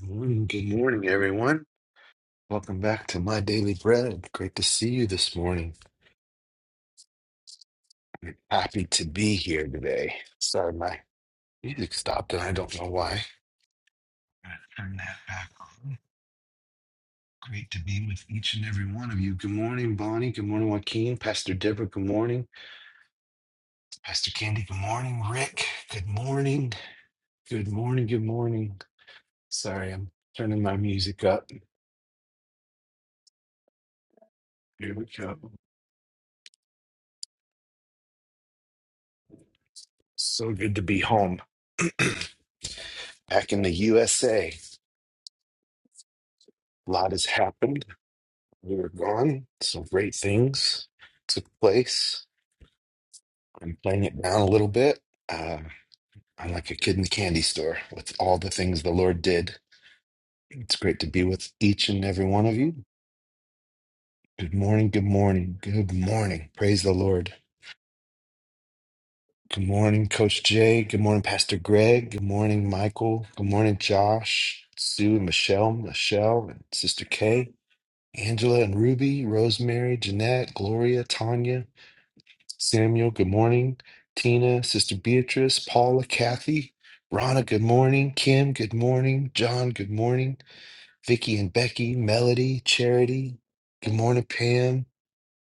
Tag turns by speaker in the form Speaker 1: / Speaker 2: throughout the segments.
Speaker 1: Morning. Good morning, everyone. Welcome back to My Daily Bread. Great to see you this morning. Happy to be here today. Sorry, my music stopped, and I don't know why. Gotta Turn that back on. Great to be with each and every one of you. Good morning, Bonnie. Good morning, Joaquin. Pastor Deborah, good morning. Pastor Candy, good morning. Rick, good morning. Good morning. Good morning. Sorry, I'm turning my music up. Here we go. So good to be home. back in the USA. A A lot has happened We were gone. Some great things took place. I'm playing it down a little bit. Uh, I'm like a kid in the candy store with all the things the Lord did. It's great to be with each and every one of you. Good morning. Good morning. Good morning. Praise the Lord. Good morning, Coach Jay. Good morning, Pastor Greg. Good morning, Michael. Good morning, Josh, Sue, and Michelle, Michelle, and Sister Kay, Angela, and Ruby, Rosemary, Jeanette, Gloria, Tanya. Samuel, good morning. Tina, Sister Beatrice, Paula, Kathy, Rhonda, good morning. Kim, good morning. John, good morning. Vicky and Becky, Melody, Charity, good morning. Pam,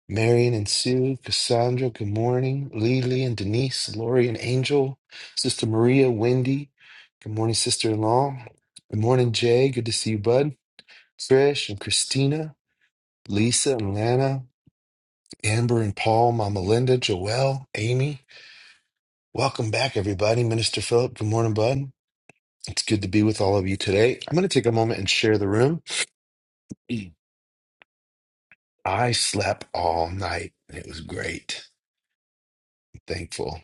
Speaker 1: Marion and Sue, Cassandra, good morning. Lily and Denise, Lori and Angel, Sister Maria, Wendy, good morning, sister in law. Good morning, Jay, good to see you, bud. Trish and Christina, Lisa and Lana, Amber and Paul, Mama Linda, Joelle, Amy. Welcome back, everybody. Minister Philip, good morning, bud. It's good to be with all of you today. I'm going to take a moment and share the room. I slept all night. and It was great. Thankful.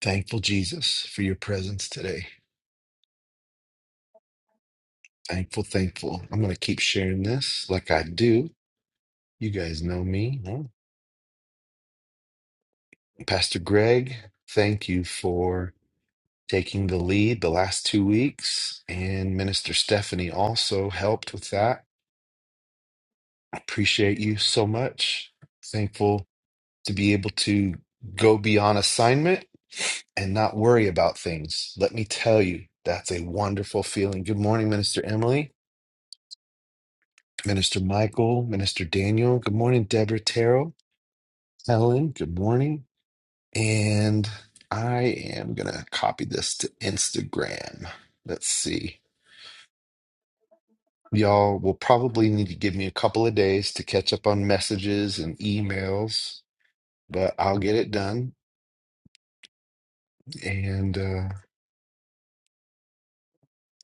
Speaker 1: Thankful, Jesus, for your presence today. Thankful, thankful. I'm going to keep sharing this like I do. You guys know me. huh? Pastor Greg, thank you for taking the lead the last two weeks. And Minister Stephanie also helped with that. I appreciate you so much. Thankful to be able to go beyond assignment and not worry about things. Let me tell you, that's a wonderful feeling. Good morning, Minister Emily, Minister Michael, Minister Daniel. Good morning, Deborah Terrell, Helen. Good morning. And I am going to copy this to Instagram. Let's see. Y'all will probably need to give me a couple of days to catch up on messages and emails, but I'll get it done. And uh,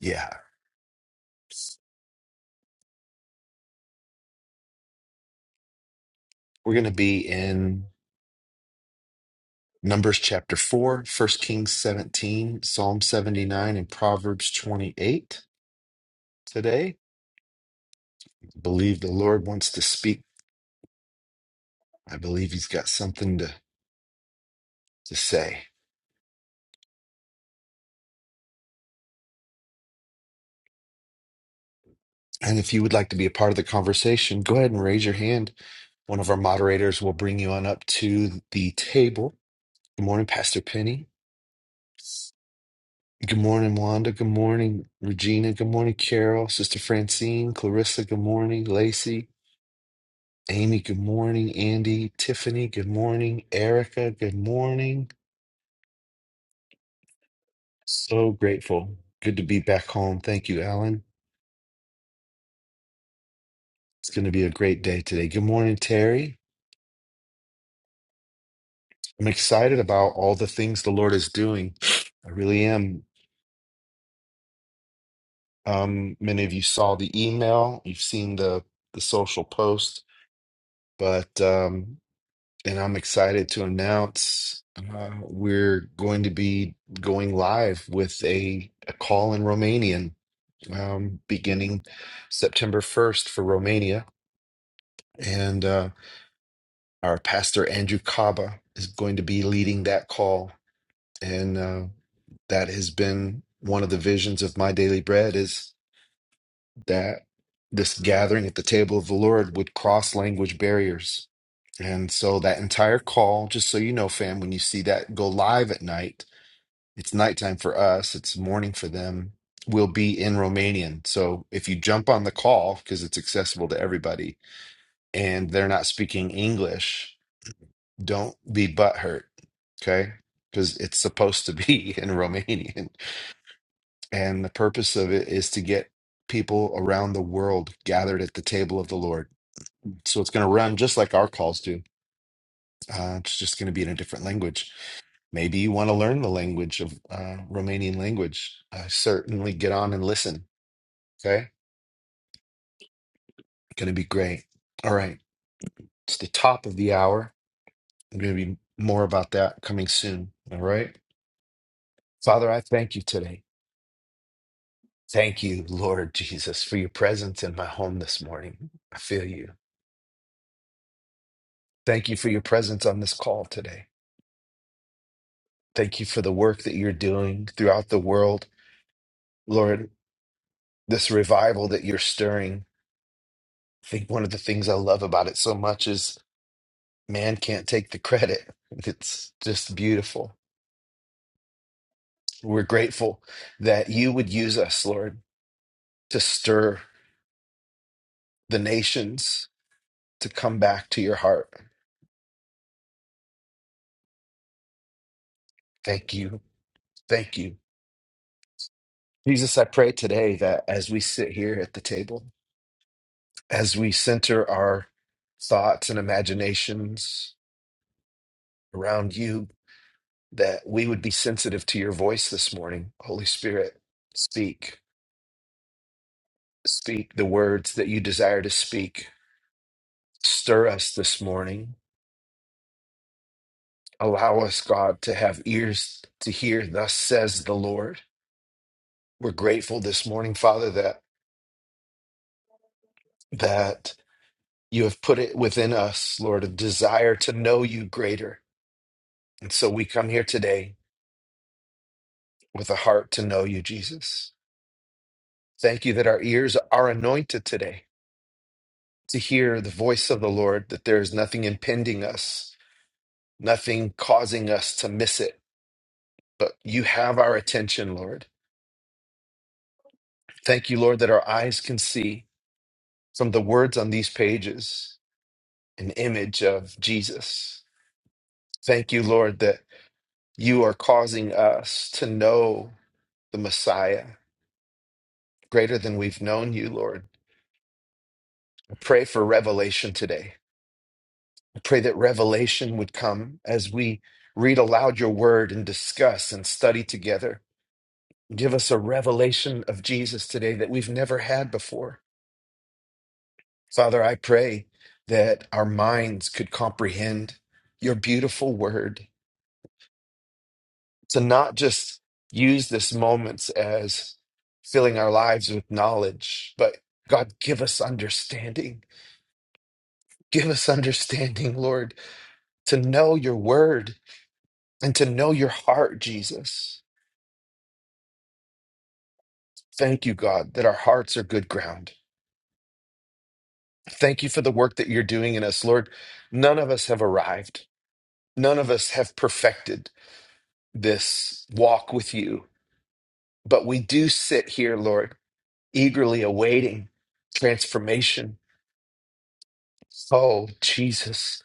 Speaker 1: yeah. We're going to be in Numbers chapter 4, First Kings 17, Psalm 79, and Proverbs 28 today. I believe the Lord wants to speak. I believe he's got something to, to say. And if you would like to be a part of the conversation, go ahead and raise your hand. One of our moderators will bring you on up to the table. Good morning, Pastor Penny. Good morning, Wanda. Good morning, Regina. Good morning, Carol. Sister Francine, Clarissa. Good morning, Lacey. Amy, good morning. Andy, Tiffany, good morning. Erica, good morning. So grateful. Good to be back home. Thank you, Alan. It's going to be a great day today. Good morning, Terry. I'm excited about all the things the Lord is doing. I really am. Um, many of you saw the email, you've seen the, the social post, but um, and I'm excited to announce uh, we're going to be going live with a, a call in Romanian um, beginning September 1st for Romania. And uh, our pastor, Andrew Kaba, is going to be leading that call. And uh, that has been one of the visions of my daily bread is that this gathering at the table of the Lord would cross language barriers. And so that entire call, just so you know, fam, when you see that go live at night, it's nighttime for us, it's morning for them, will be in Romanian. So if you jump on the call, because it's accessible to everybody, and they're not speaking English, don't be butthurt, okay? Because it's supposed to be in Romanian. And the purpose of it is to get people around the world gathered at the table of the Lord. So it's going to run just like our calls do. Uh, it's just going to be in a different language. Maybe you want to learn the language of uh, Romanian language. Uh, certainly get on and listen, okay? Going to be great. All right. It's the top of the hour. I'm going to be more about that coming soon. All right. Father, I thank you today. Thank you, Lord Jesus, for your presence in my home this morning. I feel you. Thank you for your presence on this call today. Thank you for the work that you're doing throughout the world. Lord, this revival that you're stirring, I think one of the things I love about it so much is man can't take the credit. It's just beautiful. We're grateful that you would use us, Lord, to stir the nations to come back to your heart. Thank you. Thank you. Jesus, I pray today that as we sit here at the table, as we center our thoughts and imaginations around you, that we would be sensitive to your voice this morning. Holy Spirit, speak, speak the words that you desire to speak. Stir us this morning. Allow us, God, to have ears to hear, thus says the Lord. We're grateful this morning, Father, that that you have put it within us, Lord, a desire to know you greater And so we come here today with a heart to know you, Jesus. Thank you that our ears are anointed today to hear the voice of the Lord, that there is nothing impeding us, nothing causing us to miss it, but you have our attention, Lord. Thank you, Lord, that our eyes can see from the words on these pages an image of Jesus. Thank you, Lord, that you are causing us to know the Messiah greater than we've known you, Lord. I pray for revelation today. Pray that revelation would come as we read aloud your word and discuss and study together. Give us a revelation of Jesus today that we've never had before. Father, I pray that our minds could comprehend your beautiful word, to not just use this moments as filling our lives with knowledge, but God, give us understanding. Give us understanding, Lord, to know your word and to know your heart, Jesus. Thank you, God, that our hearts are good ground. Thank you for the work that you're doing in us, Lord. None of us have arrived, none of us have perfected this walk with you, but we do sit here, Lord, eagerly awaiting transformation. Oh, Jesus,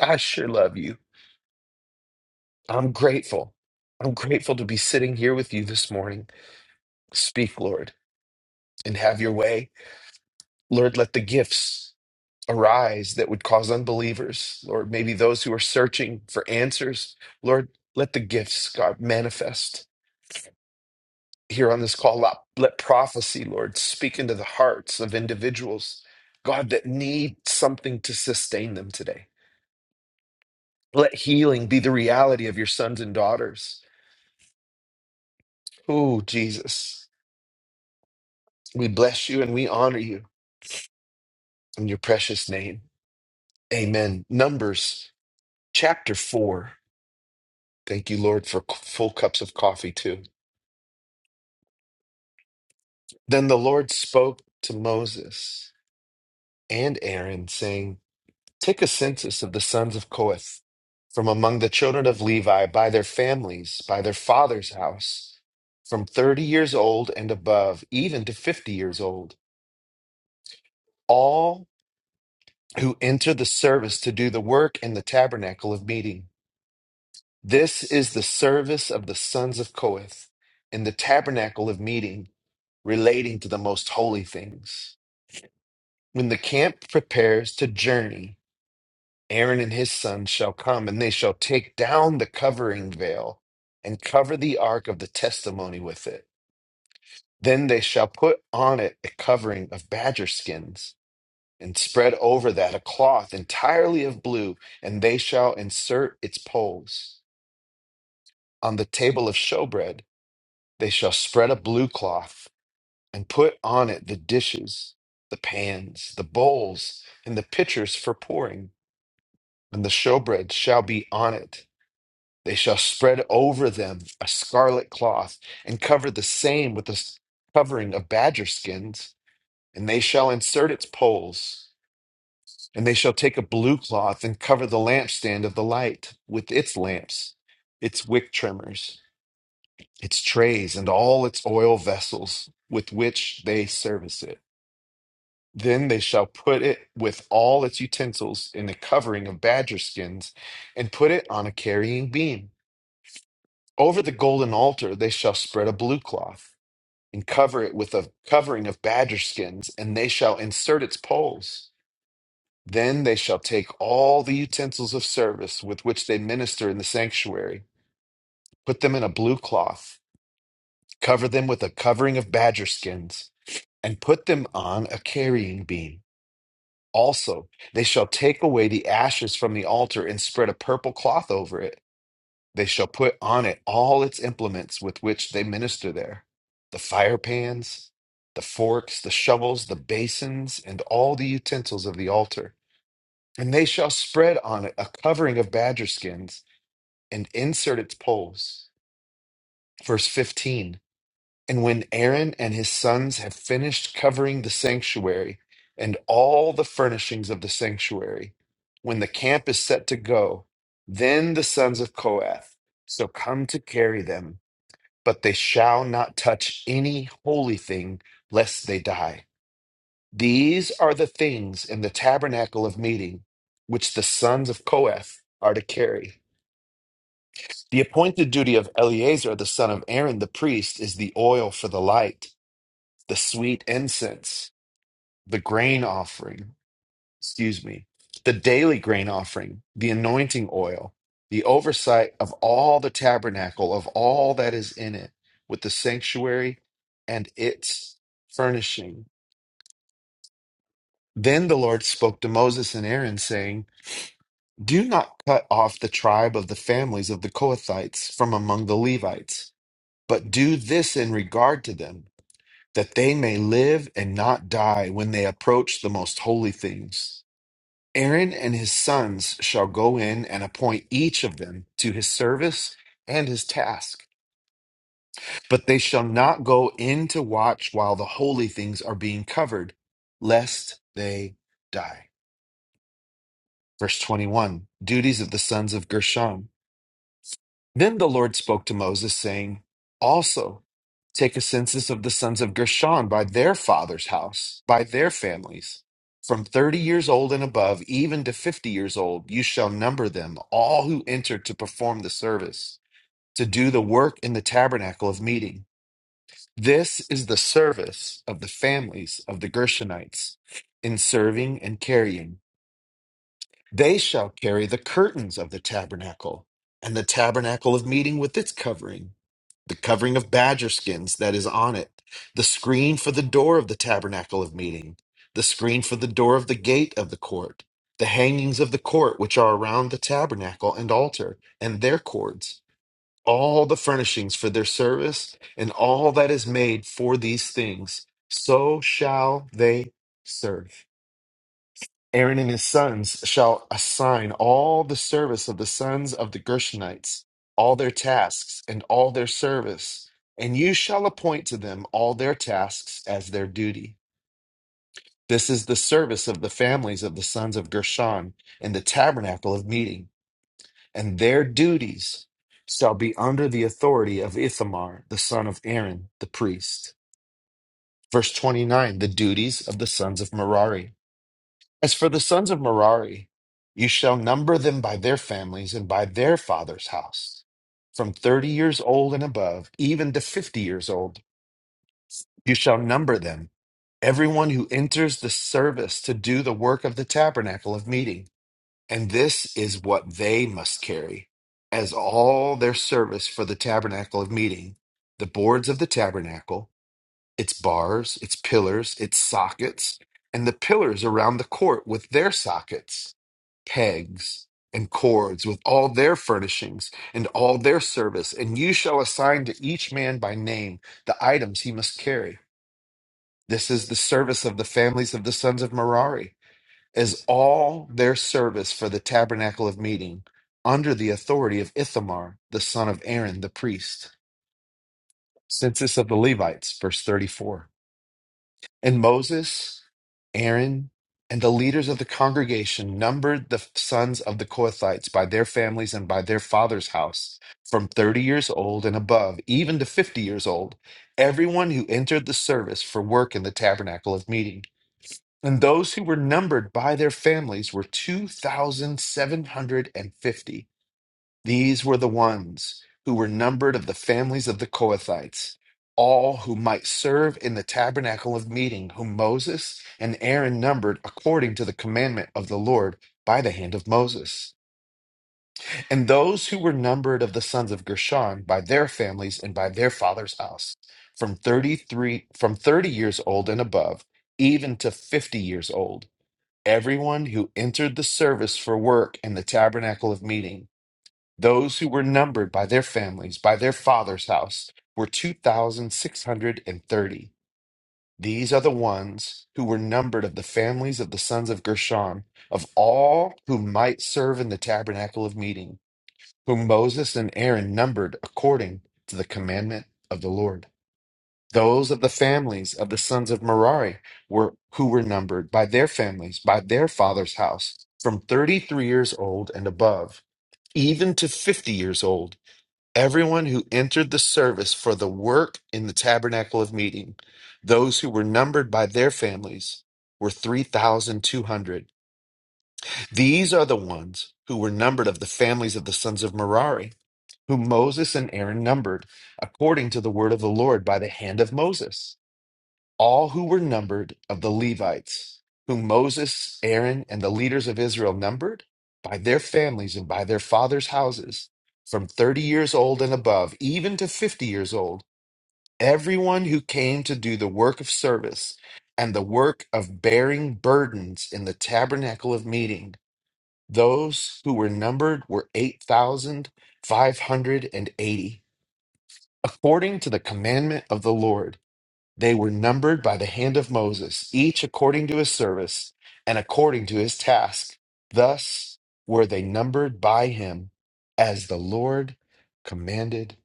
Speaker 1: I sure love you. I'm grateful. I'm grateful to be sitting here with you this morning. Speak, Lord, and have your way. Lord, let the gifts arise that would cause unbelievers, Lord, maybe those who are searching for answers. Lord, let the gifts, God, manifest here on this call up. Let prophecy, Lord, speak into the hearts of individuals, God, that need something to sustain them today. Let healing be the reality of your sons and daughters. Oh, Jesus, we bless you and we honor you in your precious name. Amen. Numbers chapter 4. Thank you, Lord, for full cups of coffee, too. Then the Lord spoke to Moses and Aaron, saying, Take a census of the sons of Kohath from among the children of Levi by their families, by their father's house, from 30 years old and above, even to 50 years old, all who enter the service to do the work in the tabernacle of meeting. This is the service of the sons of Kohath in the tabernacle of meeting relating to the most holy things. When the camp prepares to journey, Aaron and his sons shall come, and they shall take down the covering veil and cover the ark of the testimony with it. Then they shall put on it a covering of badger skins and spread over that a cloth entirely of blue, and they shall insert its poles. On the table of showbread, they shall spread a blue cloth and put on it the dishes, the pans, the bowls, and the pitchers for pouring, and the showbread shall be on it They shall spread over them a scarlet cloth, and cover the same with a s- covering of badger skins, and they shall insert its poles. And they shall take a blue cloth and cover the lampstand of the light with its lamps, its wick trimmers, its trays, and all its oil vessels with which they service it. Then they shall put it with all its utensils in a covering of badger skins, and put it on a carrying beam. Over the golden altar they shall spread a blue cloth, and cover it with a covering of badger skins, and they shall insert its poles. Then they shall take all the utensils of service with which they minister in the sanctuary, put them in a blue cloth, cover them with a covering of badger skins, and put them on a carrying beam. Also, they shall take away the ashes from the altar and spread a purple cloth over it. They shall put on it all its implements with which they minister there the fire pans, the forks, the shovels, the basins, and all the utensils of the altar. And they shall spread on it a covering of badger skins and insert its poles. Verse 15 And when Aaron and his sons have finished covering the sanctuary and all the furnishings of the sanctuary, when the camp is set to go, then the sons of Kohath shall come to carry them but they shall not touch any holy thing, lest they die. These are the things in the tabernacle of meeting, which the sons of Kohath are to carry. The appointed duty of Eleazar the son of Aaron the priest is the oil for the light, the sweet incense, the grain offering excuse me, the daily grain offering, the anointing oil, the oversight of all the tabernacle, of all that is in it, with the sanctuary and its furnishing. Then the Lord spoke to Moses and Aaron, saying, Do not cut off the tribe of the families of the Kohathites from among the Levites, but do this in regard to them, that they may live and not die when they approach the most holy things Aaron and his sons shall go in and appoint each of them to his service and his task, but they shall not go in to watch while the holy things are being covered, lest they die. Verse 21 Duties of the sons of Gershon. Then the Lord spoke to Moses, saying, Also take a census of the sons of Gershon by their father's house, by their families. From thirty years old and above, even to fifty years old, you shall number them, all who enter to perform the service, to do the work in the tabernacle of meeting. This is the service of the families of the Gershonites in serving and carrying. They shall carry the curtains of the tabernacle, and the tabernacle of meeting with its covering, the covering of badger skins that is on it, the screen for the door of the tabernacle of meeting, the screen for the door of the gate of the court, the hangings of the court which are around the tabernacle and altar, and their cords, all the furnishings for their service, and all that is made for these things, so shall they serve. Aaron and his sons shall assign all the service of the sons of the Gershonites, all their tasks and all their service, and you shall appoint to them all their tasks as their duty. This is the service of the families of the sons of Gershon in the tabernacle of meeting, and their duties shall be under the authority of Ithamar, the son of Aaron, the priest. Verse 29 The duties of the sons of Merari. As for the sons of Merari, you shall number them by their families and by their father's house. From thirty years old and above, even to fifty years old, you shall number them. Everyone who enters the service to do the work of the tabernacle of meeting. And this is what they must carry as all their service for the tabernacle of meeting the boards of the tabernacle its bars, its pillars, its sockets, and the pillars around the court with their sockets, pegs, and cords with all their furnishings and all their service. And you shall assign to each man by name the items he must carry. This is the service of the families of the sons of Merari, as all their service for the tabernacle of meeting, under the authority of Ithamar, the son of Aaron, the priest. Census of the Levites, verse 34. And Moses, Aaron, and the leaders of the congregation numbered the sons of the Kohathites by their families and by their father's house, from 30 years old and above, even to 50 years old, everyone who entered the service for work in the tabernacle of meeting. And those who were numbered by their families were 2,750. These were the ones who were numbered of the families of the Kohathites, all who might serve in the tabernacle of meeting, whom Moses and Aaron numbered according to the commandment of the Lord by the hand of Moses. And those who were numbered of the sons of Gershon by their families and by their father's house, from 33 from 30 years old and above, even to 50 years old, everyone who entered the service for work in the tabernacle of meeting those who were numbered by their families, by their father's house, were 2,630. These are the ones who were numbered of the families of the sons of Gershon, of all who might serve in the tabernacle of meeting, whom Moses and Aaron numbered according to the commandment of the Lord. Those of the families of the sons of Merari were who were numbered by their families, by their father's house, from 33 years old and above, even to 50 years old everyone who entered the service for the work in the tabernacle of meeting, those who were numbered by their families, were 3,200. These are the ones who were numbered of the families of the sons of Merari, whom Moses and Aaron numbered, according to the word of the Lord by the hand of Moses all who were numbered of the Levites, whom Moses, Aaron, and the leaders of Israel numbered by their families and by their fathers' houses, from 30 years old and above, even to 50 years old, everyone who came to do the work of service and the work of bearing burdens in the tabernacle of meeting, those who were numbered were 8,580, according to the commandment of the Lord they were numbered by the hand of Moses, each according to his service and according to his task. Thus were they numbered by him as the Lord commanded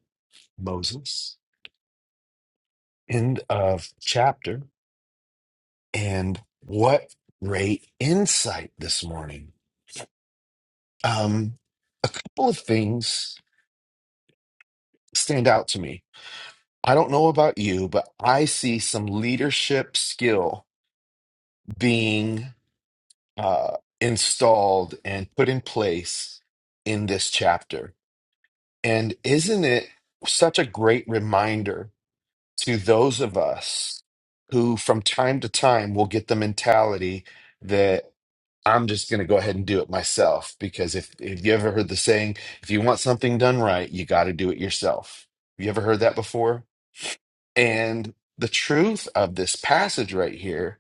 Speaker 1: Moses. End of chapter. And what great insight this morning. Um, a couple of things stand out to me. I don't know about you, but I see some leadership skill being uh, installed and put in place in this chapter. And isn't it such a great reminder to those of us who, from time to time, will get the mentality that I'm just going to go ahead and do it myself? Because if, if you ever heard the saying, if you want something done right, you got to do it yourself. Have you ever heard that before? And the truth of this passage right here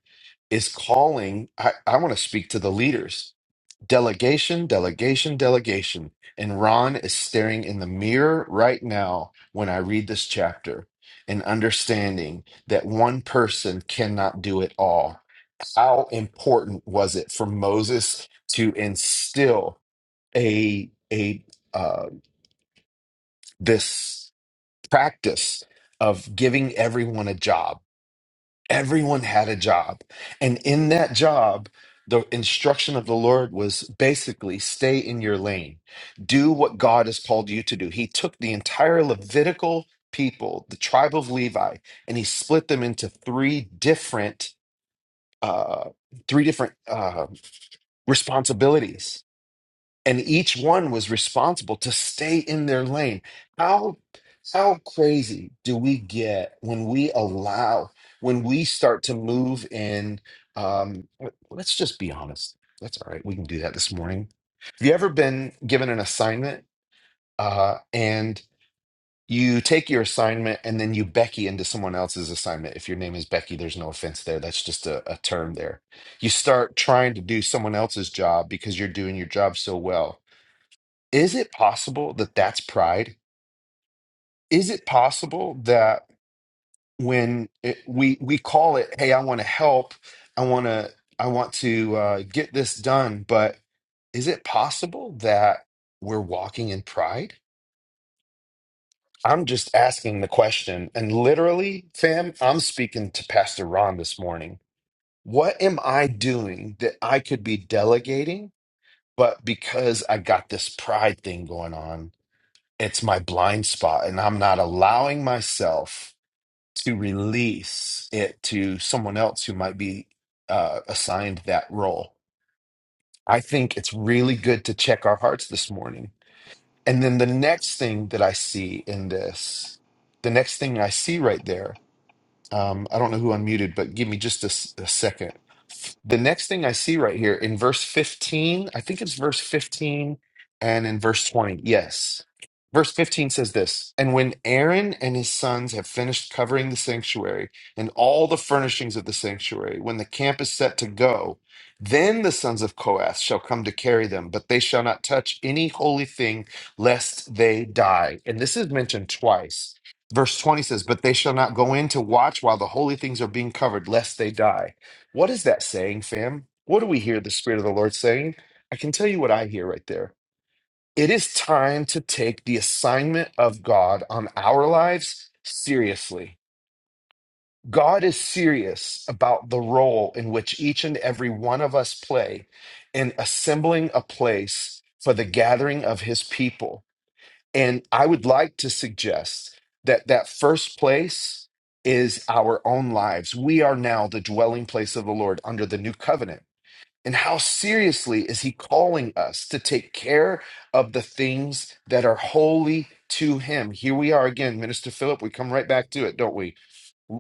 Speaker 1: is calling, I, I want to speak to the leaders Delegation, delegation, delegation. And Ron is staring in the mirror right now when I read this chapter and understanding that one person cannot do it all. How important was it for Moses to instill a a uh, this practice of giving everyone a job? everyone had a job. And in that job, the instruction of the Lord was basically stay in your lane, do what God has called you to do. He took the entire Levitical people, the tribe of Levi, and he split them into three different, uh, three different uh, responsibilities and each one was responsible to stay in their lane how how crazy do we get when we allow when we start to move in um let- us just be honest that's all right we can do that this morning have you ever been given an assignment uh and you take your assignment and then you becky into someone else's assignment if your name is becky there's no offense there that's just a, a term there you start trying to do someone else's job because you're doing your job so well is it possible that that's pride? Is it possible that when it, we we call it, "Hey, I want to help. I want to I want to uh, get this done," but is it possible that we're walking in pride? I'm just asking the question, and literally, fam, I'm speaking to Pastor Ron this morning. What am I doing that I could be delegating, but because I got this pride thing going on? it's my blind spot and i'm not allowing myself to release it to someone else who might be uh, assigned that role i think it's really good to check our hearts this morning and then the next thing that i see in this the next thing i see right there um, I don't know who unmuted, but give me just a, s- a second. The next thing I see right here in verse 15, I think it's verse 15 and in verse 20. Yes. Verse 15 says this And when Aaron and his sons have finished covering the sanctuary and all the furnishings of the sanctuary, when the camp is set to go, then the sons of Kohath shall come to carry them, but they shall not touch any holy thing lest they die. And this is mentioned twice. Verse 20 says, But they shall not go in to watch while the holy things are being covered, lest they die. What is that saying, fam? What do we hear the Spirit of the Lord saying? I can tell you what I hear right there. It is time to take the assignment of God on our lives seriously. God is serious about the role in which each and every one of us play in assembling a place for the gathering of his people. And I would like to suggest that that first place is our own lives. We are now the dwelling place of the Lord under the new covenant. And how seriously is he calling us to take care of the things that are holy to him? Here we are again, Minister Philip. We come right back to it, don't we?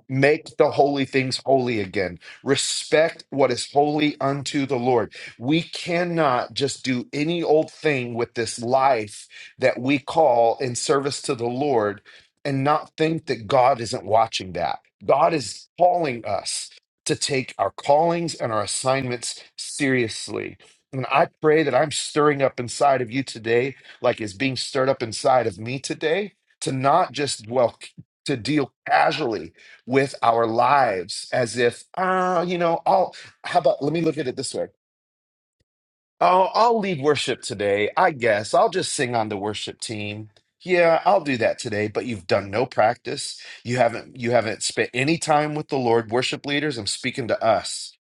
Speaker 1: Make the holy things holy again. Respect what is holy unto the Lord. We cannot just do any old thing with this life that we call in service to the Lord and not think that God isn't watching that. God is calling us to take our callings and our assignments seriously. And I pray that I'm stirring up inside of you today, like is being stirred up inside of me today, to not just, well, to deal casually with our lives as if, ah, you know, I'll, how about, let me look at it this way. Oh, I'll lead worship today. I guess I'll just sing on the worship team. Yeah, I'll do that today, but you've done no practice. You haven't you haven't spent any time with the Lord. Worship leaders, I'm speaking to us.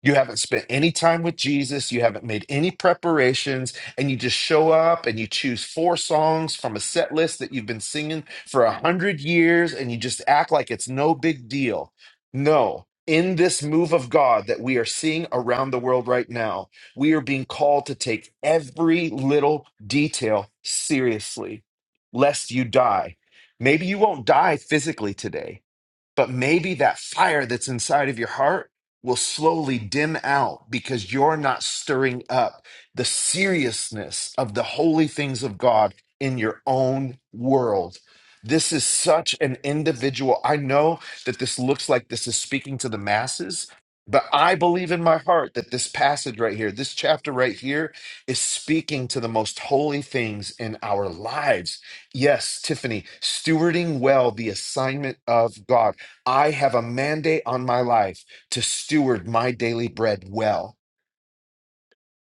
Speaker 1: You haven't spent any time with Jesus. You haven't made any preparations. And you just show up and you choose four songs from a set list that you've been singing for a hundred years and you just act like it's no big deal. No. In this move of God that we are seeing around the world right now, we are being called to take every little detail seriously, lest you die. Maybe you won't die physically today. But maybe that fire that's inside of your heart will slowly dim out because you're not stirring up the seriousness of the holy things of God in your own world. This is such an individual. I know that this looks like this is speaking to the masses, but I believe in my heart that this passage right here, this chapter right here, is speaking to the most holy things in our lives. Yes, Tiffany, stewarding well the assignment of God. I have a mandate on my life to steward my daily bread well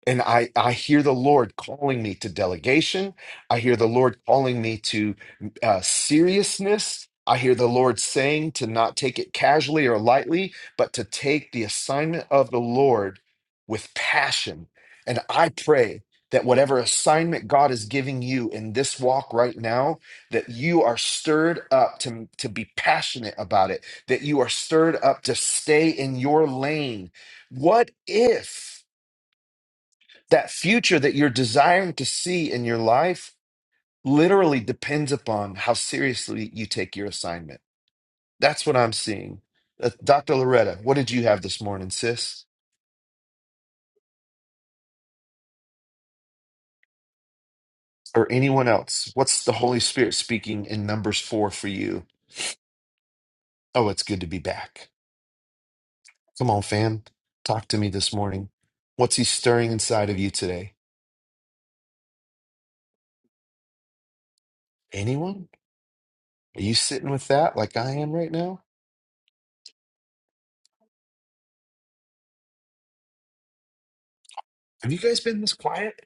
Speaker 1: and I, I hear the Lord calling me to delegation. I hear the Lord calling me to uh, seriousness. I hear the Lord saying to not take it casually or lightly, but to take the assignment of the Lord with passion. And I pray that whatever assignment God is giving you in this walk right now, that you are stirred up to, to be passionate about it, that you are stirred up to stay in your lane. What if? That future that you're desiring to see in your life literally depends upon how seriously you take your assignment. That's what I'm seeing. Uh, Dr. Loretta, what did you have this morning, sis? Or anyone else? What's the Holy Spirit speaking in Numbers 4 for you? Oh, it's good to be back. Come on, fam. Talk to me this morning. What's he stirring inside of you today? Anyone? Are you sitting with that like I am right now? Have you guys been this quiet?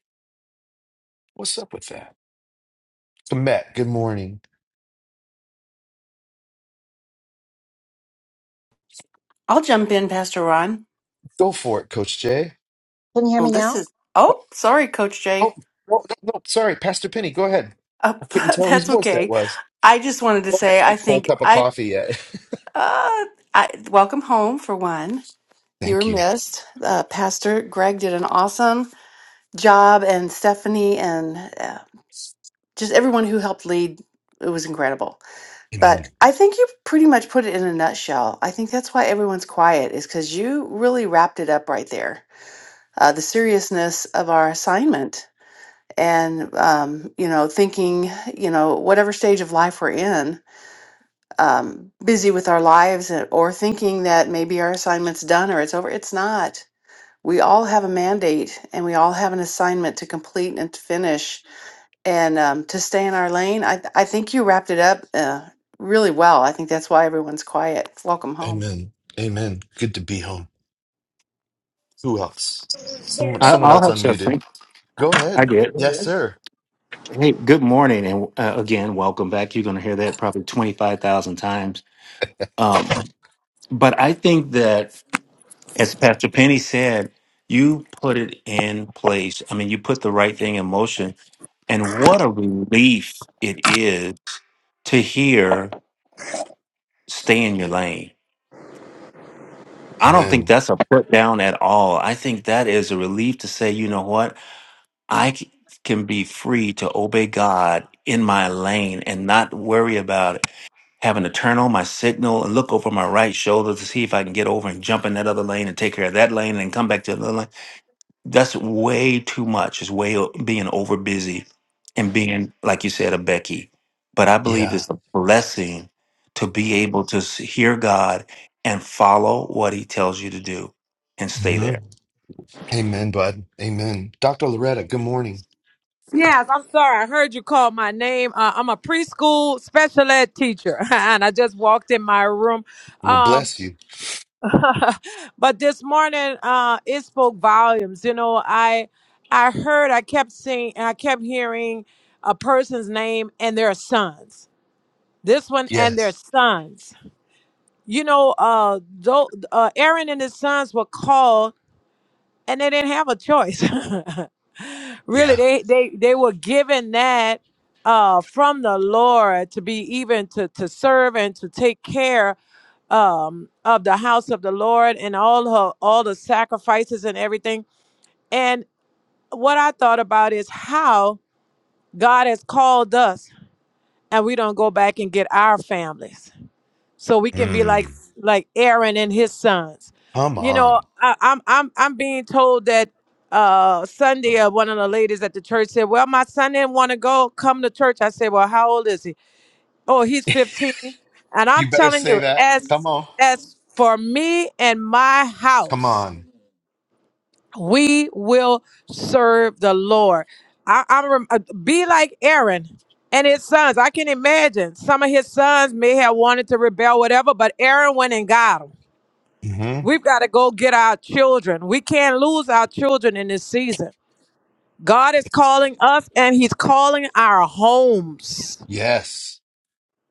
Speaker 1: What's up with that? Komet, good morning.
Speaker 2: I'll jump in, Pastor Ron.
Speaker 1: Go for it, Coach Jay.
Speaker 3: Can you hear
Speaker 2: Well,
Speaker 3: me
Speaker 2: this
Speaker 3: now?
Speaker 2: is,
Speaker 1: Oh,
Speaker 2: oh, sorry, Coach
Speaker 1: oh,
Speaker 2: Jay.
Speaker 1: no, no, no, sorry, Pastor Penny, go ahead.
Speaker 2: Uh,
Speaker 1: I couldn't tell whose
Speaker 2: that's
Speaker 1: voice that
Speaker 2: okay.
Speaker 1: was.
Speaker 2: I just
Speaker 1: I
Speaker 2: wanted to
Speaker 1: haven't
Speaker 2: say, I
Speaker 1: had a full
Speaker 2: think
Speaker 1: cup of
Speaker 2: I,
Speaker 1: coffee yet.
Speaker 2: uh, I welcome home for one. You were
Speaker 1: Thank you.
Speaker 2: missed. Uh, Pastor Greg did an awesome job, and Stephanie, and uh, just everyone who helped lead. It was incredible.
Speaker 1: Amen.
Speaker 2: But I think you pretty much put it in a nutshell. I think that's why everyone's quiet, is because you really wrapped it up right there. Uh, the seriousness of our assignment and um, you know thinking you know whatever stage of life we're in um, busy with our lives and- or thinking that maybe our assignment's done or it's over it's not we all have a mandate and we all have an assignment to complete and to finish and um, to stay in our lane i, I think you wrapped it up uh, really well i think that's why everyone's quiet welcome home
Speaker 1: Amen. Amen. Good to be home. Who else? Someone
Speaker 4: I,
Speaker 1: someone
Speaker 4: I'll
Speaker 1: else
Speaker 4: have
Speaker 1: unmuted.
Speaker 4: something.
Speaker 1: Go
Speaker 4: I
Speaker 1: ahead.
Speaker 4: did.
Speaker 1: Yes, sir.
Speaker 4: Hey, good morning, and uh, again, welcome back. You're going to hear that probably twenty five thousand times. Um, but I think that, as Pastor Penny said, you put it in place. I mean, you put the right thing in motion, and what a relief it is to hear "Stay in your lane." I don't think
Speaker 1: Amen.
Speaker 4: that's a put down at all. I think that is a relief to say, you know what? I c- can be free to obey God in my lane and not worry about having to turn on my signal and look over my right shoulder to see if I can get over and jump in that other lane and take care of that lane and come back to the lane. That's way too much. It's way o- being over busy and being, like you said, a Becky. But I believe
Speaker 1: Yeah.
Speaker 4: it's a blessing to be able to s- hear God and follow what He tells you to do and stay
Speaker 1: hmm
Speaker 4: there.
Speaker 1: Amen, bud. Amen. Dr. Loretta, good morning.
Speaker 5: Yes, I'm sorry. I heard you call my name. Uh, I'm a preschool special ed teacher, and I just walked in my room.
Speaker 1: We'll
Speaker 5: Um,
Speaker 1: bless you.
Speaker 5: but this morning, uh, it spoke volumes. You know, I I heard, I kept seeing, I kept hearing a person's name and their sons. This one and their
Speaker 1: Yes.
Speaker 5: sons. You know, uh, tho- uh, Aaron and his sons were called. and they didn't have a choice. really,
Speaker 1: Yeah.
Speaker 5: they they they were given that uh, from the Lord to be even to to serve and to take care um, of the house of the Lord and all her, all the sacrifices and everything. And what I thought about is how God has called us, and we don't go back and get our families so we can be like
Speaker 1: Mm.
Speaker 5: like Aaron and his sons.
Speaker 1: Come
Speaker 5: You
Speaker 1: on.
Speaker 5: know, I, I'm I'm I'm being told that uh Sunday uh, one of the ladies at the church said, "Well, my son didn't want to go come to church." I said, "Well, how old is he?" "Oh, he's 15." And I'm
Speaker 1: You better
Speaker 5: telling
Speaker 1: say
Speaker 5: you,
Speaker 1: that. Come
Speaker 5: as
Speaker 1: on.
Speaker 5: as for me and my
Speaker 1: Come
Speaker 5: house,
Speaker 1: on.
Speaker 5: we will serve the Lord. I, I'm rem- uh, be like Aaron and his sons. I can imagine some of his sons may have wanted to rebel, whatever, but Aaron went and got them.
Speaker 1: hmm
Speaker 5: We've got to go get our children. We can't lose our children in this season. God is calling us and he's calling our homes.
Speaker 1: Yes.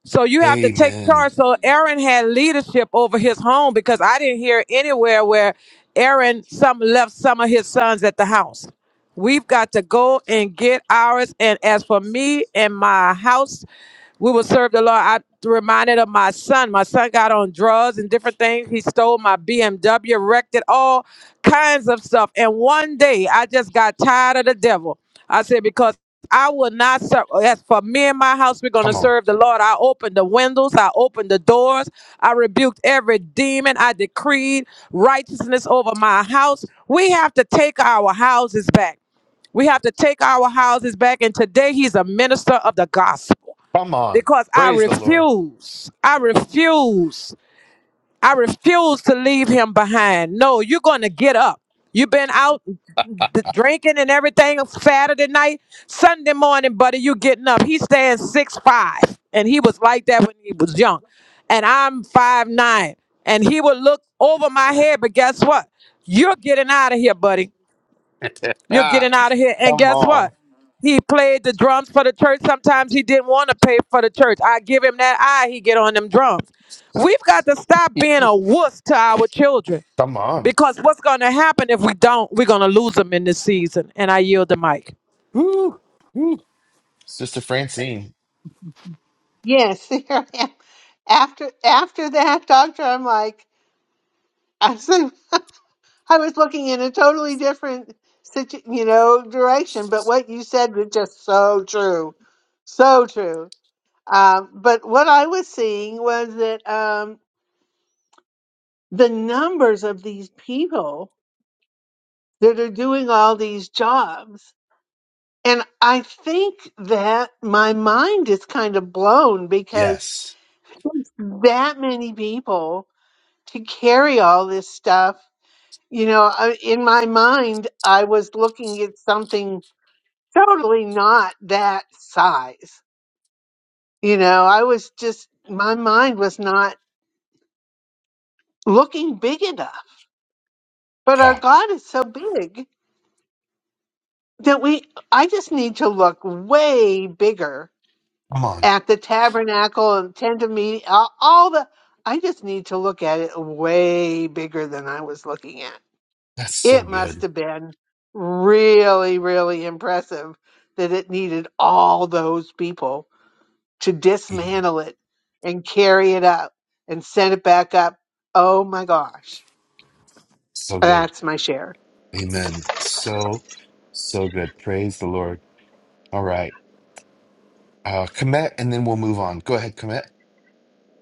Speaker 5: So you have to take
Speaker 1: Amen.
Speaker 5: charge. So Aaron had leadership over his home because I didn't hear anywhere where Aaron some left some of his sons at the house. We've got to go and get ours. And as for me and my house, we will serve the Lord. I reminded of my son. My son got on drugs and different things. He stole my BMW, wrecked it, all kinds of stuff. And one day I just got tired of the devil. I said, because I will not serve. As for me and my house, we're going to
Speaker 1: Come on.
Speaker 5: serve the Lord. I opened the windows. I opened the doors. I rebuked every demon. I decreed righteousness over my house. We have to take our houses back. We have to take our houses back. And today he's a minister of the gospel
Speaker 1: Come on.
Speaker 5: because I
Speaker 1: Praise the Lord.
Speaker 5: refuse. I refuse. I refuse to leave him behind. No, you're going to get up. You've been out d- drinking and everything Saturday night, Sunday morning, buddy. You getting up? He stands six five, and he was like that when he was young, and I'm five nine, and he would look over my head. But guess what? You're getting out of here, buddy you're
Speaker 1: Ah,
Speaker 5: getting out of here. And
Speaker 1: Come
Speaker 5: guess
Speaker 1: on.
Speaker 5: what? He played the drums for the church. Sometimes he didn't want to pay for the church. I give him that eye, he get on them drums. We've got to stop being a wuss to our children.
Speaker 1: Come on.
Speaker 5: Because what's gonna happen if we don't, we're gonna lose them in this season. And I yield the mic.
Speaker 1: Woo. Woo. Sister Francine.
Speaker 6: Yes, here I am. After after that, doctor, I'm like, I was, I was looking in a totally different situ, you know, direction. But what you said was just so true, so true. Um, but what I was seeing was that um, the numbers of these people that are doing all these jobs, and I think that my mind is kind of blown because
Speaker 1: Yes.
Speaker 6: that many people to carry all this stuff. You know, I, in my mind, I was looking at something totally not that size. You know, I was just, my mind was not looking big enough. But our
Speaker 1: Yeah.
Speaker 6: God is so big that we, I just need to look way bigger
Speaker 1: Come on.
Speaker 6: at the tabernacle and tent of meeting, all, all the, I just need to look at it way bigger than I was looking at
Speaker 1: That's so
Speaker 6: it must
Speaker 1: good.
Speaker 6: have been really, really impressive that it needed all those people to
Speaker 1: Mhm.
Speaker 6: dismantle it and carry it up and send it back up. Oh my gosh.
Speaker 1: So good.
Speaker 6: That's my share.
Speaker 1: Amen. So, so good. Praise the Lord. All right. Uh, Komet, and then we'll move on. Go ahead, Komet.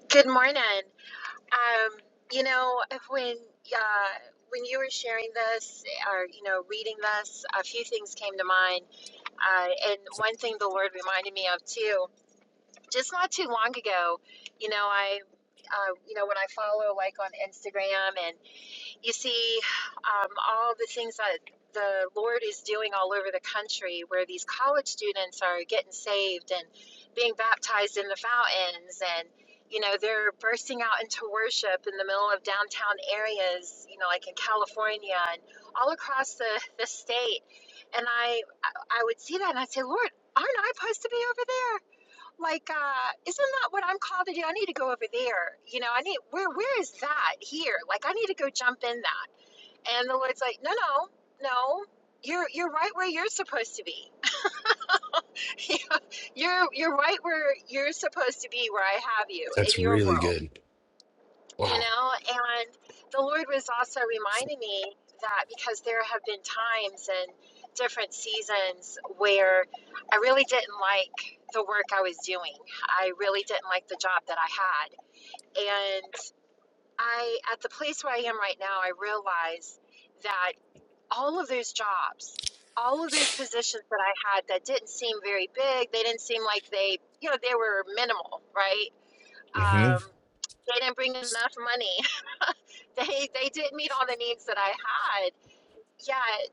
Speaker 3: Good morning. Um, you know, if when uh, when you were sharing this or you know reading this, a few things came to mind. Uh, and one thing the Lord reminded me of too, just not too long ago. You know, I uh, you know when I follow like on Instagram you see um, all the things that the Lord is doing all over the country where these college students are getting saved and being baptized in the fountains and you know they're bursting out into worship in the middle of downtown areas you know like in California and all across the, the state and I I I would see that and I'd say Lord aren't I supposed to be over there like uh isn't that what i'm called to do i need to go over there you know i need where where is that here like i need to go jump in that and the lord's like no no no you're you're right where you're supposed to be You know, you're you're right where you're supposed to be where i have you in
Speaker 1: That's
Speaker 3: your
Speaker 1: really
Speaker 3: world
Speaker 1: good.
Speaker 3: you
Speaker 1: Wow.
Speaker 3: know and the lord was also reminding me that because there have been times and different seasons where i really didn't like the work i was doing i really didn't like the job that i had and i at the place where i am right now i realize that all of those jobs all of those positions that i had that didn't seem very big they didn't seem like they you know they were minimal right
Speaker 1: hmm
Speaker 3: um, they didn't bring enough money they they didn't meet all the needs that I had. Yeah,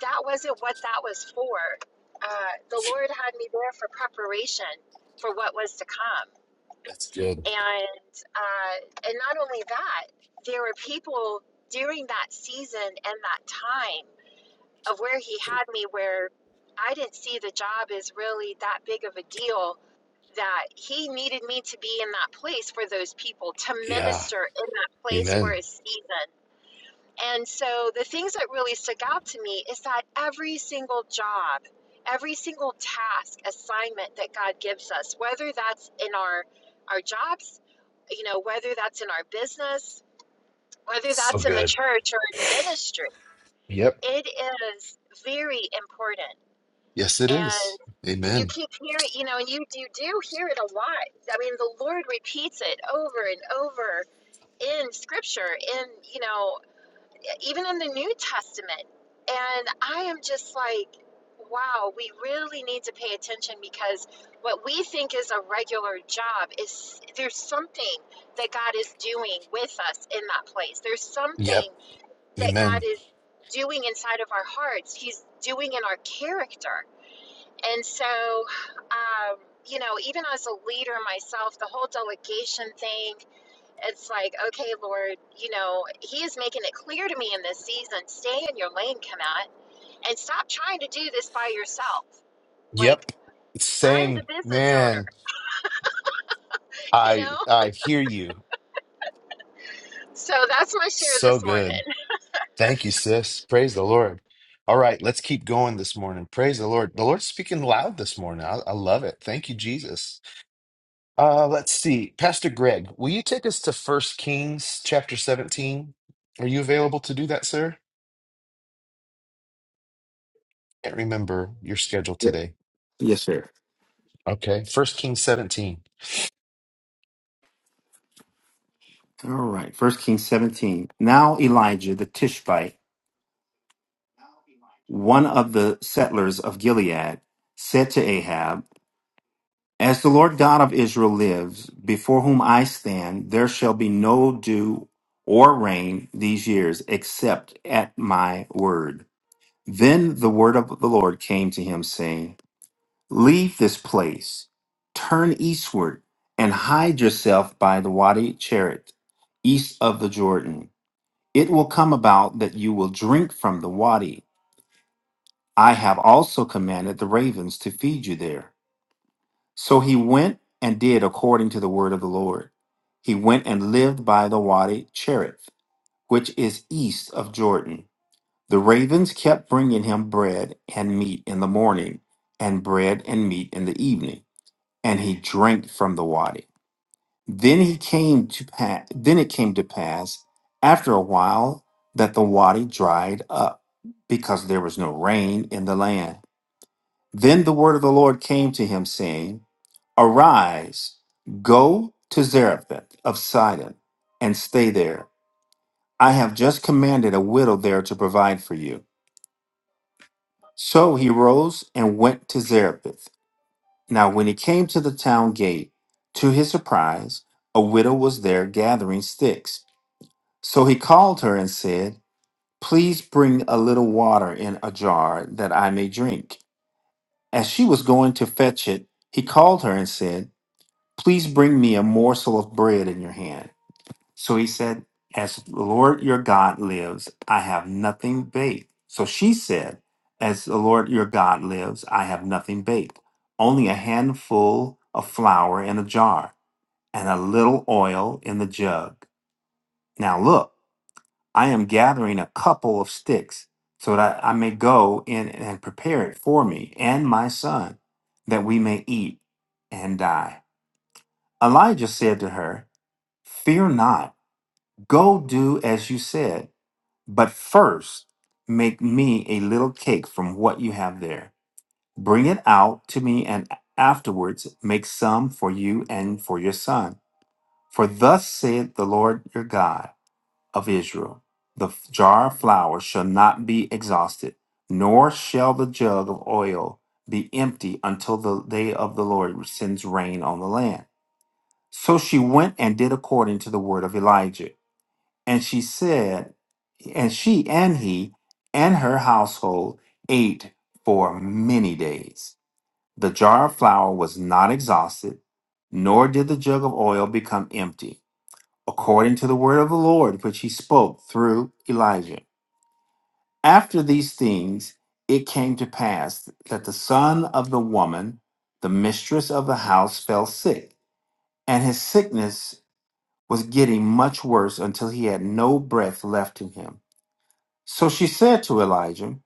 Speaker 3: that wasn't what that was for. Uh, the Lord had me there for preparation for what was to come,
Speaker 1: That's good.
Speaker 3: and uh, and not only that, there were people during that season and that time of where He had me where I didn't see the job as really that big of a deal that he needed me to be in that place for those people to
Speaker 1: Yeah.
Speaker 3: minister in that place for
Speaker 1: Amen.
Speaker 3: a season and so the things that really stuck out to me is that every single job, every single task, assignment that God gives us, whether that's in our our jobs, you know, whether that's in our business, whether
Speaker 1: So
Speaker 3: that's in the
Speaker 1: good.
Speaker 3: church or in ministry,
Speaker 1: Yep.
Speaker 3: it is very important.
Speaker 1: Yes, it
Speaker 3: And
Speaker 1: is.
Speaker 3: you
Speaker 1: Amen.
Speaker 3: keep hearing, you know, and you, you do hear it a lot. I mean, the Lord repeats it over and over in scripture in you know even in the New Testament. And I am just like, wow, we really need to pay attention because what we think is a regular job is there's something that God is doing with us in that place. There's
Speaker 1: Yep.
Speaker 3: something that God
Speaker 1: Amen.
Speaker 3: is doing inside of our hearts, He's doing in our character. And so, um, you know, even as a leader myself, the whole delegation thing, it's like, okay, Lord, you know, He is making it clear to me in this season stay in your lane, Kamat, and stop trying to do this by yourself. Like,
Speaker 1: Yep.
Speaker 3: I'm the
Speaker 1: Same
Speaker 3: business
Speaker 1: man.
Speaker 3: owner, you
Speaker 1: I
Speaker 3: know?
Speaker 1: I hear you.
Speaker 3: So that's my share
Speaker 1: So
Speaker 3: this morning.
Speaker 1: good. Thank you, sis. Praise the Lord. All right, let's keep going this morning. Praise the Lord. The Lord's speaking loud this morning. I, I love it. Thank you, Jesus. Uh, let's see. Pastor Greg, will you take us to First Kings chapter 17? Are you available to do that, sir? Can't remember your schedule
Speaker 4: Yeah.
Speaker 1: today.
Speaker 4: Yes, sir.
Speaker 1: Okay, First Kings 17.
Speaker 4: All right. First Kings 17. Now Elijah the Tishbite, one of the settlers of Gilead, said to Ahab, As the Lord God of Israel lives, before whom I stand, there shall be no dew or rain these years, except at my word. Then the word of the Lord came to him, saying, Leave this place, turn eastward, and hide yourself by the Wadi Cherit, east of the Jordan It will come about that you will drink from the wadi. I have also commanded the ravens to feed you there. So he went and did according to the word of the Lord. He went and lived by the wadi Cherith, which is east of Jordan. The ravens kept bringing him bread and meat in the morning, and bread and meat in the evening, and he drank from the wadi. Then he came to pa- then it came to pass after a while that the wadi dried up because there was no rain in the land. Then the word of the Lord came to him, saying, Arise, go to Zarephath of Sidon, and stay there. I have just commanded a widow there to provide for you. So he rose and went to Zarephath. Now, when he came to the town gate, to his surprise, a widow was there gathering sticks. So he called her and said, Please bring a little water in a jar that I may drink. As she was going to fetch it, he called her and said, Please bring me a morsel of bread in your hand. So he said, As the Lord your God lives, I have nothing baked. So she said, As the Lord your God lives, I have nothing baked, only a handful of flour in a jar and a little oil in the jug. Now look. I am gathering a couple of sticks so that I may go in and prepare it for me and my son, that we may eat and die. Elijah said to her, Fear not, go do as you said, but first make me a little cake from what you have there. Bring it out to me, and afterwards make some for you and for your son. For thus saith the Lord your God. of Israel. The f- jar of flour shall not be exhausted, nor shall the jug of oil be empty until the day of the Lord sends rain on the land. So she went and did according to the word of Elijah. And she said, and she and he and her household ate for many days. The jar of flour was not exhausted, nor did the jug of oil become empty, according to the word of the Lord which he spoke through Elijah. After these things, it came to pass that the son of the woman, the mistress of the house, fell sick, and his sickness was getting much worse until he had no breath left in him. So she said to Elijah,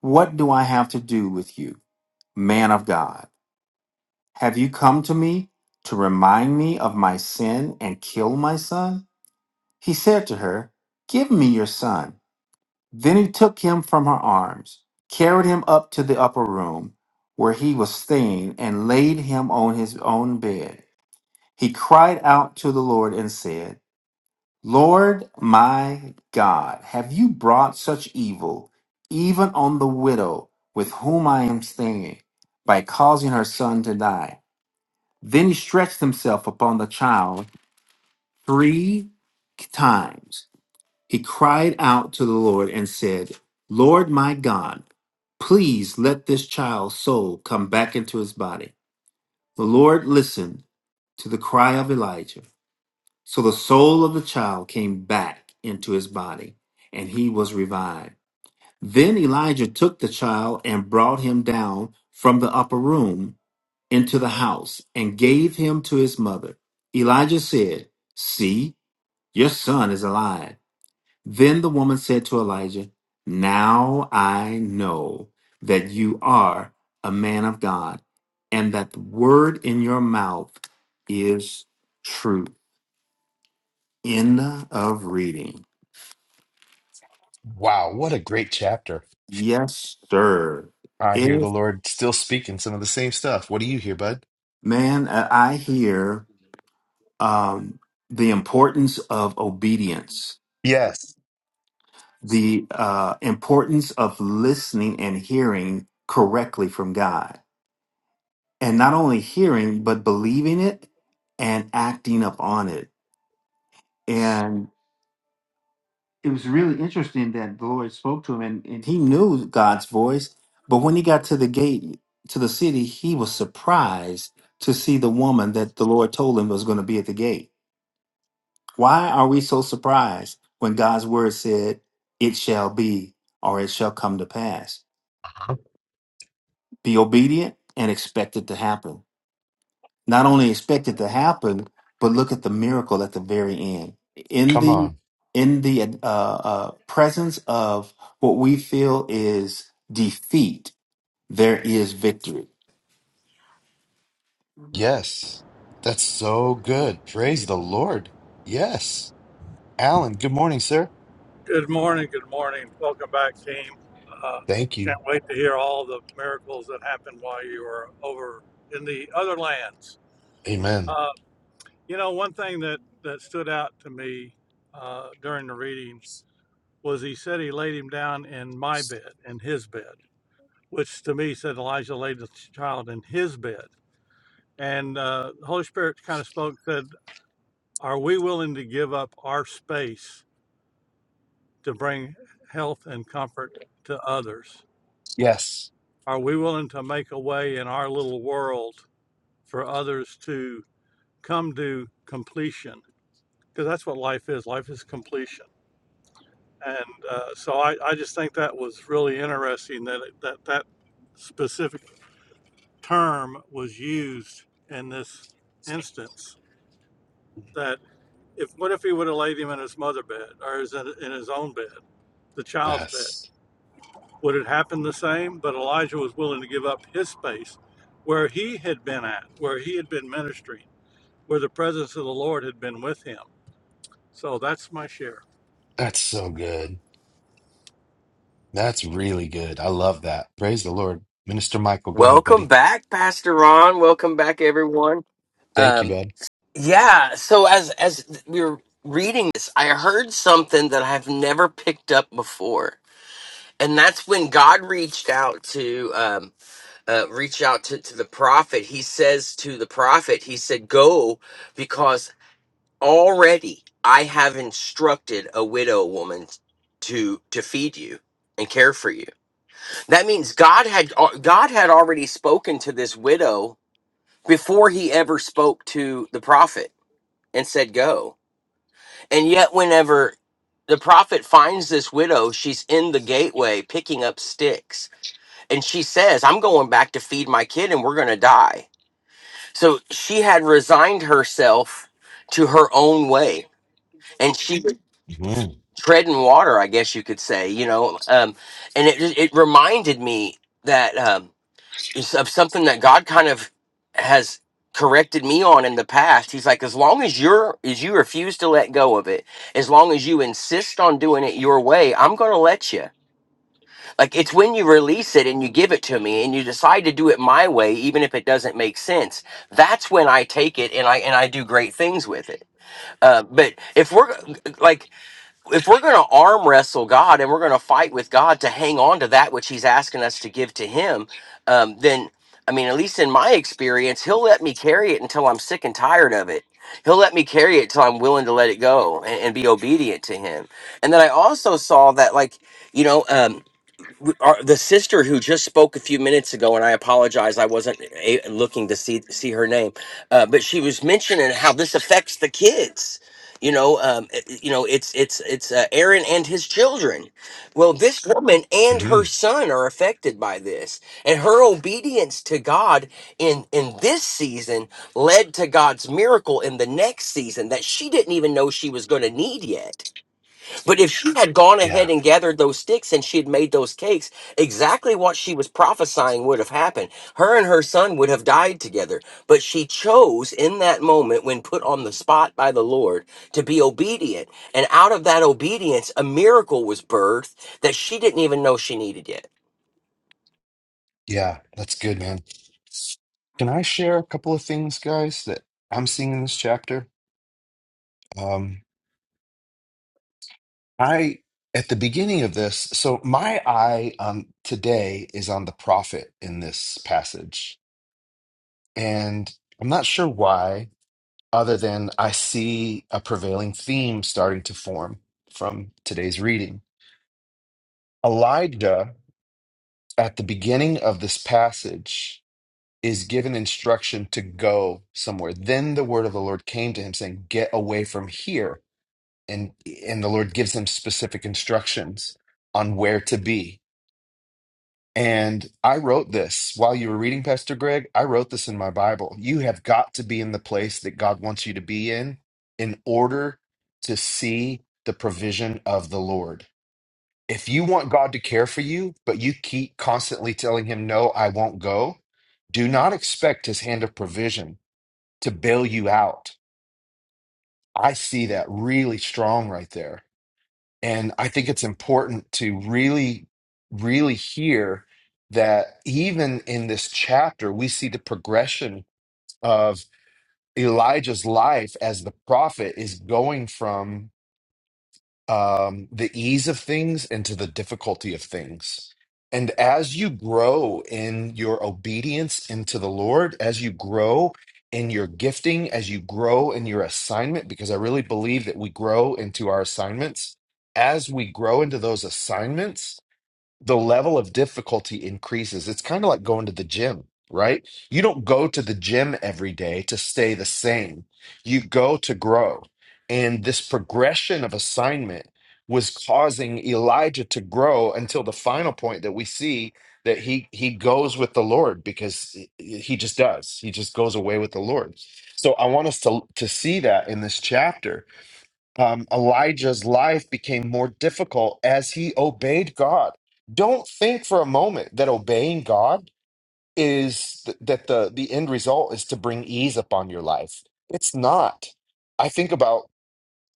Speaker 4: What do I have to do with you, man of God? Have you come to me to remind me of my sin and kill my son? He said to her, Give me your son. Then he took him from her arms, carried him up to the upper room where he was staying, and laid him on his own bed. He cried out to the Lord and said, Lord my God, have you brought such evil even on the widow with whom I am staying by causing her son to die? Then he stretched himself upon the child three times he cried out to the Lord and said, Lord my God, please let this child's soul come back into his body. The Lord listened to the cry of Elijah. So the soul of the child came back into his body, and he was revived. Then Elijah took the child and brought him down from the upper room into the house and gave him to his mother. Elijah said, See, your son is alive. Then the woman said to Elijah, Now I know that you are a man of God, and that the word in your mouth is true. End of reading.
Speaker 1: Wow, what a great chapter.
Speaker 4: Yes, sir.
Speaker 1: I hear the
Speaker 4: If,
Speaker 1: Lord still speaking some of the same stuff. What do you hear, bud?
Speaker 4: man, I I hear um, the importance of obedience,
Speaker 1: Yes.
Speaker 4: the uh, importance of listening and hearing correctly from God and not only hearing but believing it and acting up on it and it was really interesting that the lord spoke to him and, and he knew god's voice but when he got to the gate to the city he was surprised to see the woman that the lord told him was going to be at the gate why are we so surprised when god's word said it shall be or it shall come to pass
Speaker 1: Uh-huh.
Speaker 4: be obedient and expect it to happen not only expect it to happen, but look at the miracle at the very end. In
Speaker 1: Come
Speaker 4: the
Speaker 1: on.
Speaker 4: in the uh, uh, presence of what we feel is defeat, there is victory.
Speaker 1: Yes. That's so good. Praise the Lord. Yes. Alan, good morning, sir.
Speaker 7: Good morning. Good morning. Welcome back, team. Uh,
Speaker 1: Thank you.
Speaker 7: can't wait to hear all the miracles that happened while you were over in the other lands.
Speaker 1: Amen.
Speaker 7: Uh, you know, one thing that, that stood out to me uh, during the reading was he said he laid him down in my bed, in his bed, which to me said Elijah laid the child in his bed. And uh, the Holy Spirit kind of spoke, said, Are we willing to give up our space to bring health and comfort to others?
Speaker 1: Yes.
Speaker 7: Are we willing to make a way in our little world for others to come to completion? Because that's what life is. Life is completion. And uh, so I, I just think that was really interesting that, it- that that specific term was used in this instance. That if what if he would have laid him in his mother bed or in his own bed, the child's bed?
Speaker 1: Yes.
Speaker 7: Would it happen the same? But Elijah was willing to give up his space where he had been at, where he had been ministering, where the presence of the Lord had been with him. So that's my share.
Speaker 1: That's so good. That's really good. I love that. Praise the Lord. Minister Michael, go ahead,
Speaker 8: Welcome
Speaker 1: buddy.
Speaker 8: back, Pastor Ron. Welcome back, everyone.
Speaker 1: Thank you,
Speaker 8: Um,
Speaker 1: bud.
Speaker 8: yeah. So as as we were reading this, I heard something that I've never picked up before, and that's when God reached out to um, uh, reach out to, to the prophet. He says to the prophet, he said, "Go, because already I have instructed a widow woman to to feed you." and care for you. That means God had God had already spoken to this widow before he ever spoke to the prophet and said go and yet whenever the prophet finds this widow she's in the gateway picking up sticks and she says i'm going back to feed my kid and we're going to die so she had resigned herself to her own way and she was
Speaker 1: hmm
Speaker 8: treading water i guess you could say you know um, and it, it reminded me that Um, It's of something that God kind of has corrected me on in the past. He's like, as long as you're as you refuse to let go of it, as long as you insist on doing it your way, I'm gonna let you. Like it's when you release it and you give it to me and you decide to do it my way, even if it doesn't make sense. That's when I take it and I and I do great things with it. Uh, but if we're like if we're going to arm wrestle God and we're going to fight with God to hang on to that which He's asking us to give to Him, um, then I mean, at least in my experience, He'll let me carry it until I'm sick and tired of it. He'll let me carry it till I'm willing to let it go and, and be obedient to Him. And then I also saw that, like, you know. Um, w- our, the sister who just spoke a few minutes ago, and I apologize, I wasn't a, looking to see see her name, uh, but she was mentioning how this affects the kids. You know, um, i- i- you know, it's it's it's uh, Aaron and his children. Well, this woman and
Speaker 1: hmm
Speaker 8: her son are affected by this, and her obedience to God in in this season led to God's miracle in the next season that she didn't even know she was going to need yet but if she had gone
Speaker 1: Yeah.
Speaker 8: ahead and gathered those sticks and she had made those cakes, exactly what she was prophesying would have happened. Her and her son would have died together. But she chose in that moment, when put on the spot by the Lord, to be obedient. And out of that obedience, a miracle was birthed that she didn't even know she needed yet.
Speaker 1: Yeah, that's good, man. Can I share a couple of things, guys, that I'm seeing in this chapter? Um, I at the beginning of this, so my eye on today is on the prophet in this passage, and I'm not sure why, other than I see a prevailing theme starting to form from today's reading. Elijah at the beginning of this passage. is given instruction to go somewhere. Then the word of the Lord came to him saying, "Get away from here." And and the Lord gives him specific instructions on where to be. And I wrote this while you were reading Pastor Greg, I wrote this in my Bible. You have got to be in the place that God wants you to be in in order to see the provision of the Lord. If you want God to care for you, but you keep constantly telling him, "No, I won't go." Do not expect his hand of provision to bail you out. I see that really strong right there. And I think it's important to really, really hear that even in this chapter, we see the progression of Elijah's life as the prophet is going from um, the ease of things and to the difficulty of things. And as you grow in your obedience into the Lord, as you grow in your gifting, as you grow in your assignment, because I really believe that we grow into our assignments, as we grow into those assignments, the level of difficulty increases. It's kind of like going to the gym, right? You don't go to the gym every day to stay the same, you go to grow. And this progression of assignment was causing Elijah to grow until the final point that we see that he he goes with the Lord because he he just does. He just goes away with the Lord. So I want us to to see that in this chapter um, Elijah's life became more difficult as he obeyed God. Don't think for a moment that obeying God is th- that the the end result is to bring ease upon your life. It's not. I think about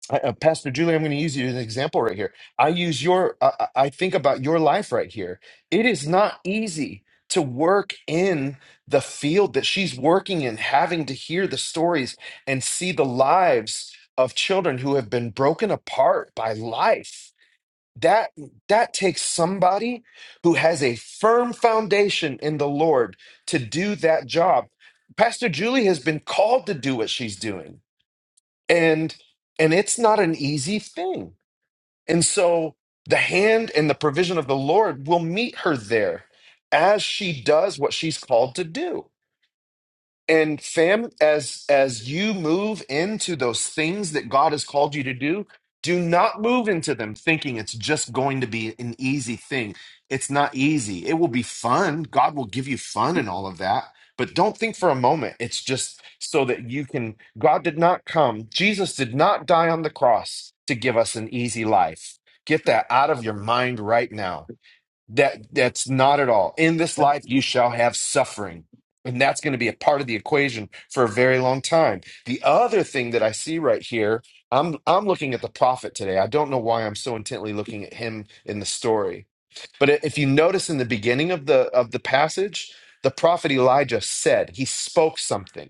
Speaker 1: I, uh, Pastor Julie, I'm going to use you as an example right here. I use your, I, I I think about your life right here. It is not easy to work in the field that she's working in, having to hear the stories and see the lives of children who have been broken apart by life. That that takes somebody who has a firm foundation in the Lord to do that job. Pastor Julie has been called to do what she's doing and and it's not an easy thing and so the hand and the provision of the lord will meet her there as she does what she's called to do and fam as as you move into those things that god has called you to do do not move into them thinking it's just going to be an easy thing it's not easy it will be fun god will give you fun and all of that but don't think for a moment it's just so that you can god did not come jesus did not die on the cross to give us an easy life get that out of your mind right now that that's not at all. In this life you shall have suffering. And that's going to be a part of the equation for a very long time. The other thing that I see right here, I'm I'm looking at the prophet today. I don't know why I'm so intently looking at him in the story. But i- if you notice in the beginning of the of the passage, the prophet Elijah said, he spoke something.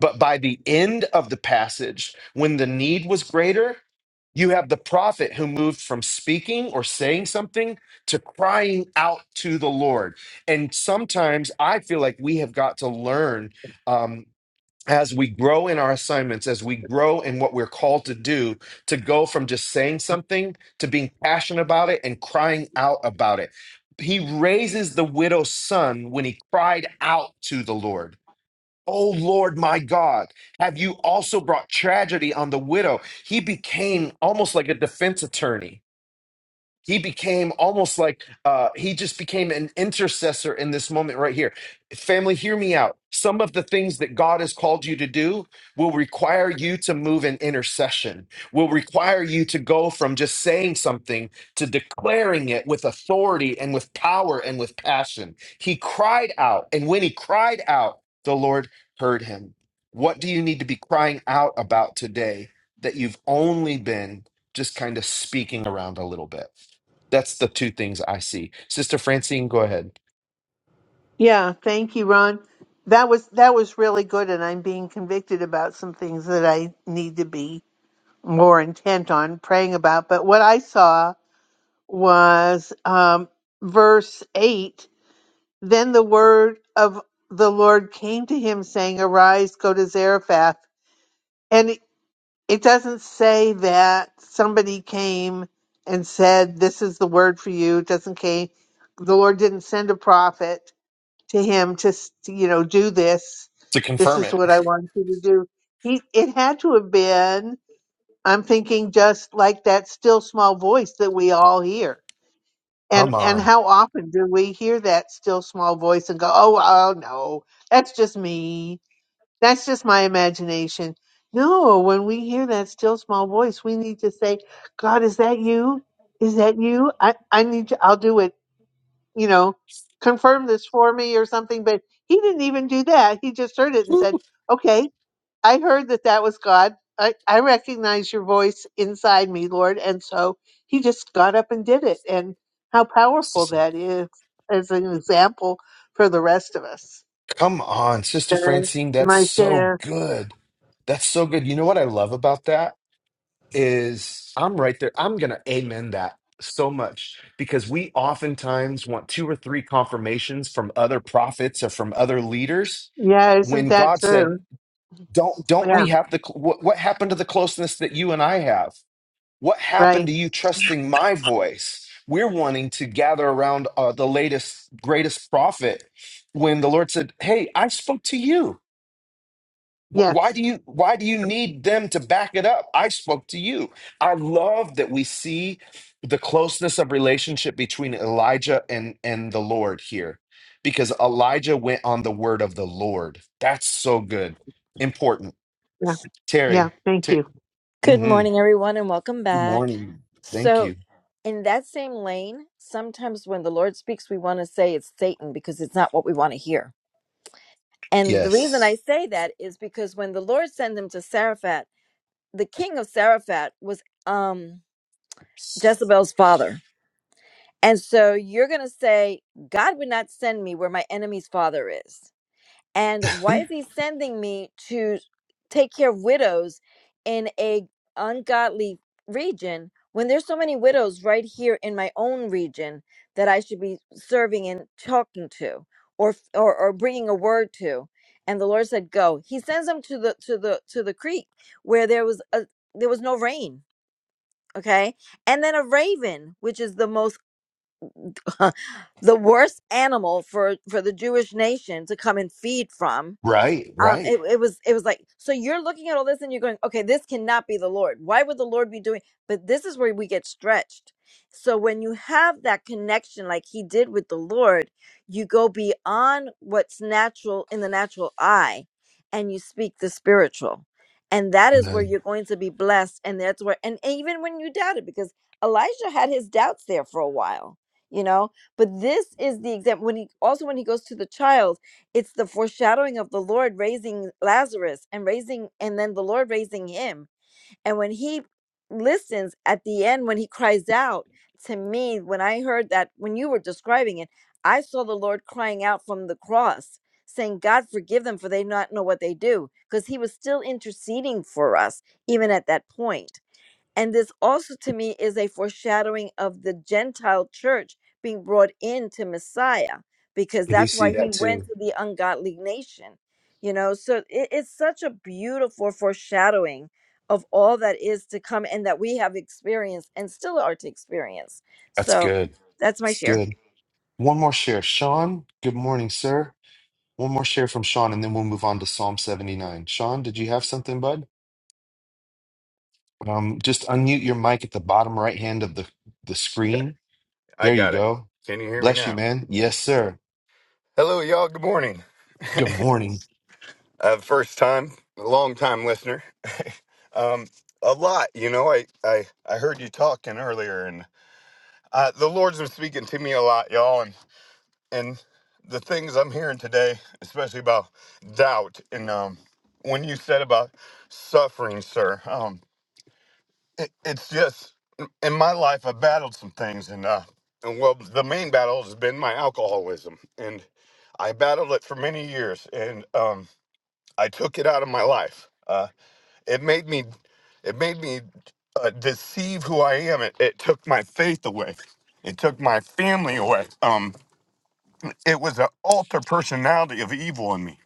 Speaker 1: But by the end of the passage, when the need was greater, you have the prophet who moved from speaking or saying something to crying out to the Lord. And sometimes I feel like we have got to learn um, as we grow in our assignments, as we grow in what we're called to do, to go from just saying something to being passionate about it and crying out about it. He raises the widow's son when he cried out to the Lord O Lord my God, have you also brought tragedy on the widow? He became almost like a defense attorney he became almost like uh, he just became an intercessor in this moment right here. Family, hear me out. Some of the things that God has called you to do will require you to move in intercession, will require you to go from just saying something to declaring it with authority and with power and with passion. He cried out, and when he cried out, the Lord heard him. What do you need to be crying out about today that you've only been just kind of speaking around a little bit? That's the two things I see. Sister Francine, go ahead
Speaker 6: Yeah, thank you, Ron. That was that was really good and I'm being convicted about some things that I need to be more intent on praying about. But what I saw was um, verse 8 Then the word of the Lord came to him, saying, Arise, go to Zarephath. And it it doesn't say that somebody came and said, This is the word for you. It doesn't came. The Lord didn't send a prophet to him to, s- to, you know, do this.
Speaker 1: to
Speaker 6: This
Speaker 1: confirm
Speaker 6: is
Speaker 1: it.
Speaker 6: what I want you to do. He, it had to have been I'm thinking just like that still small voice that we all hear. And
Speaker 1: Come
Speaker 6: and
Speaker 1: on.
Speaker 6: how often do we hear that still small voice and go, "Oh, oh no. That's just me. That's just my imagination." No, when we hear that still small voice, we need to say, "God, is that you? Is that you? I I need you. I'll do it, you know, confirm this for me or something." But he didn't even do that. He just heard it and
Speaker 1: Woo.
Speaker 6: said, "Okay, I heard that that was God. I, I recognize your voice inside me, Lord. And so he just got up and did it. And how powerful
Speaker 1: Sis-
Speaker 6: that is as an example for the rest of us.
Speaker 1: Come on, Sister
Speaker 6: That's
Speaker 1: Francine, that's
Speaker 6: my
Speaker 1: so
Speaker 6: share.
Speaker 1: good. That's so good. You know what I love about that is I'm right there. I'm going to amen that so much because we oftentimes want two or three confirmations from other prophets or from other leaders
Speaker 6: Yeah, isn't
Speaker 1: when
Speaker 6: that
Speaker 1: God said,
Speaker 6: true?
Speaker 1: "Don't don't
Speaker 6: Yeah,
Speaker 1: we have the cl- what, what happened to the closeness that you and I have?" What happened
Speaker 6: right.
Speaker 1: to you trusting my voice? We're wanting to gather around uh, the latest, greatest prophet when the Lord said, Hey, I spoke to you. Wh- Why
Speaker 6: Yes.
Speaker 1: do you why do you need them to back it up? I spoke to you. I love that we see the closeness of relationship between Elijah and and the Lord here because Elijah went on the word of the Lord. That's so good. Important.
Speaker 6: Yeah. Yeah.
Speaker 1: Terry,
Speaker 6: Thank you.
Speaker 1: Ter-
Speaker 9: Good
Speaker 1: mhm.
Speaker 9: morning, everyone, and welcome
Speaker 1: good
Speaker 9: back.
Speaker 1: morning. Thank
Speaker 9: So,
Speaker 1: you.
Speaker 9: in that same lane, sometimes when the Lord speaks, we want to say it's Satan because it's not what we want to hear. And the reason
Speaker 1: Yes.
Speaker 9: I say that is because when the Lord sent him to Saraphat, the king of Saraphat was um, Jezebel's father. And so you're going to say, God would not send me where my enemy's father is. and why is he sending me to take care of widows in a ungodly region when there's so many widows right here in my own region that I should be serving and talking to or or, or bringing a word to and the Lord said go he sends them to the to the to the creek where there was a there was no rain okay and then a raven which is the most the worst animal for for the Jewish nation to come and feed from
Speaker 1: Right,
Speaker 9: um
Speaker 1: right.
Speaker 9: it, it was it was like so you're looking at all this and you're going okay this cannot be the lord why would the lord be doing but this is where we get stretched so when you have that connection like he did with the lord you go beyond what's natural in the natural eye and you speak the spiritual and that is where
Speaker 1: Amen.
Speaker 9: you're going to be blessed and that's where and even when you doubt it because elijah had his doubts there for a while you know but this is the example when he also when he goes to the child it's the foreshadowing of the Lord raising Lazarus and raising, and then the Lord raising him. And when he listens at the end, when he cries out to me, when I heard that, when you were describing it, I saw the Lord crying out from the cross, saying, God, forgive them, for they not know what they do, because he was still interceding for us, even at that point and this also to me is a foreshadowing of the Gentile church being brought into Messiah, because
Speaker 1: I do
Speaker 9: that's
Speaker 1: see
Speaker 9: why he
Speaker 1: that
Speaker 9: went
Speaker 1: too.
Speaker 9: to the ungodly nation. You know, so it, it's such a beautiful foreshadowing of all that is to come and that we have experienced and still are to experience.
Speaker 1: That's
Speaker 9: So
Speaker 1: good.
Speaker 9: that's my
Speaker 1: It's
Speaker 9: share.
Speaker 1: good. One more share. Sean, good morning, sir. One more share from Sean, and then we'll move on to Psalm 79. Sean, did you have something, bud? Um, just unmute your mic at the bottom right hand of the, the
Speaker 10: Okay,
Speaker 1: screen.
Speaker 10: I
Speaker 1: There you
Speaker 10: got it.
Speaker 1: go.
Speaker 10: Can you hear me
Speaker 1: Bless you,
Speaker 10: now?
Speaker 1: man. Yes, sir.
Speaker 10: Hello, y'all. Good morning.
Speaker 1: Good morning.
Speaker 10: uh, first time, long time listener. um, a lot, you know. I, I I heard you talking earlier, and uh, the Lord's been speaking to me a lot, y'all. And and the things I'm hearing today, especially about doubt, and um, when you said about suffering, sir. Um, it, it's just in my life I've battled some things and uh and well the main battle has been my alcoholism and I battled it for many years and um I took it out of my life. Uh it made me it made me uh, deceive who I am. It, it took my faith away. It took my family away. Um it was an alter personality of evil in me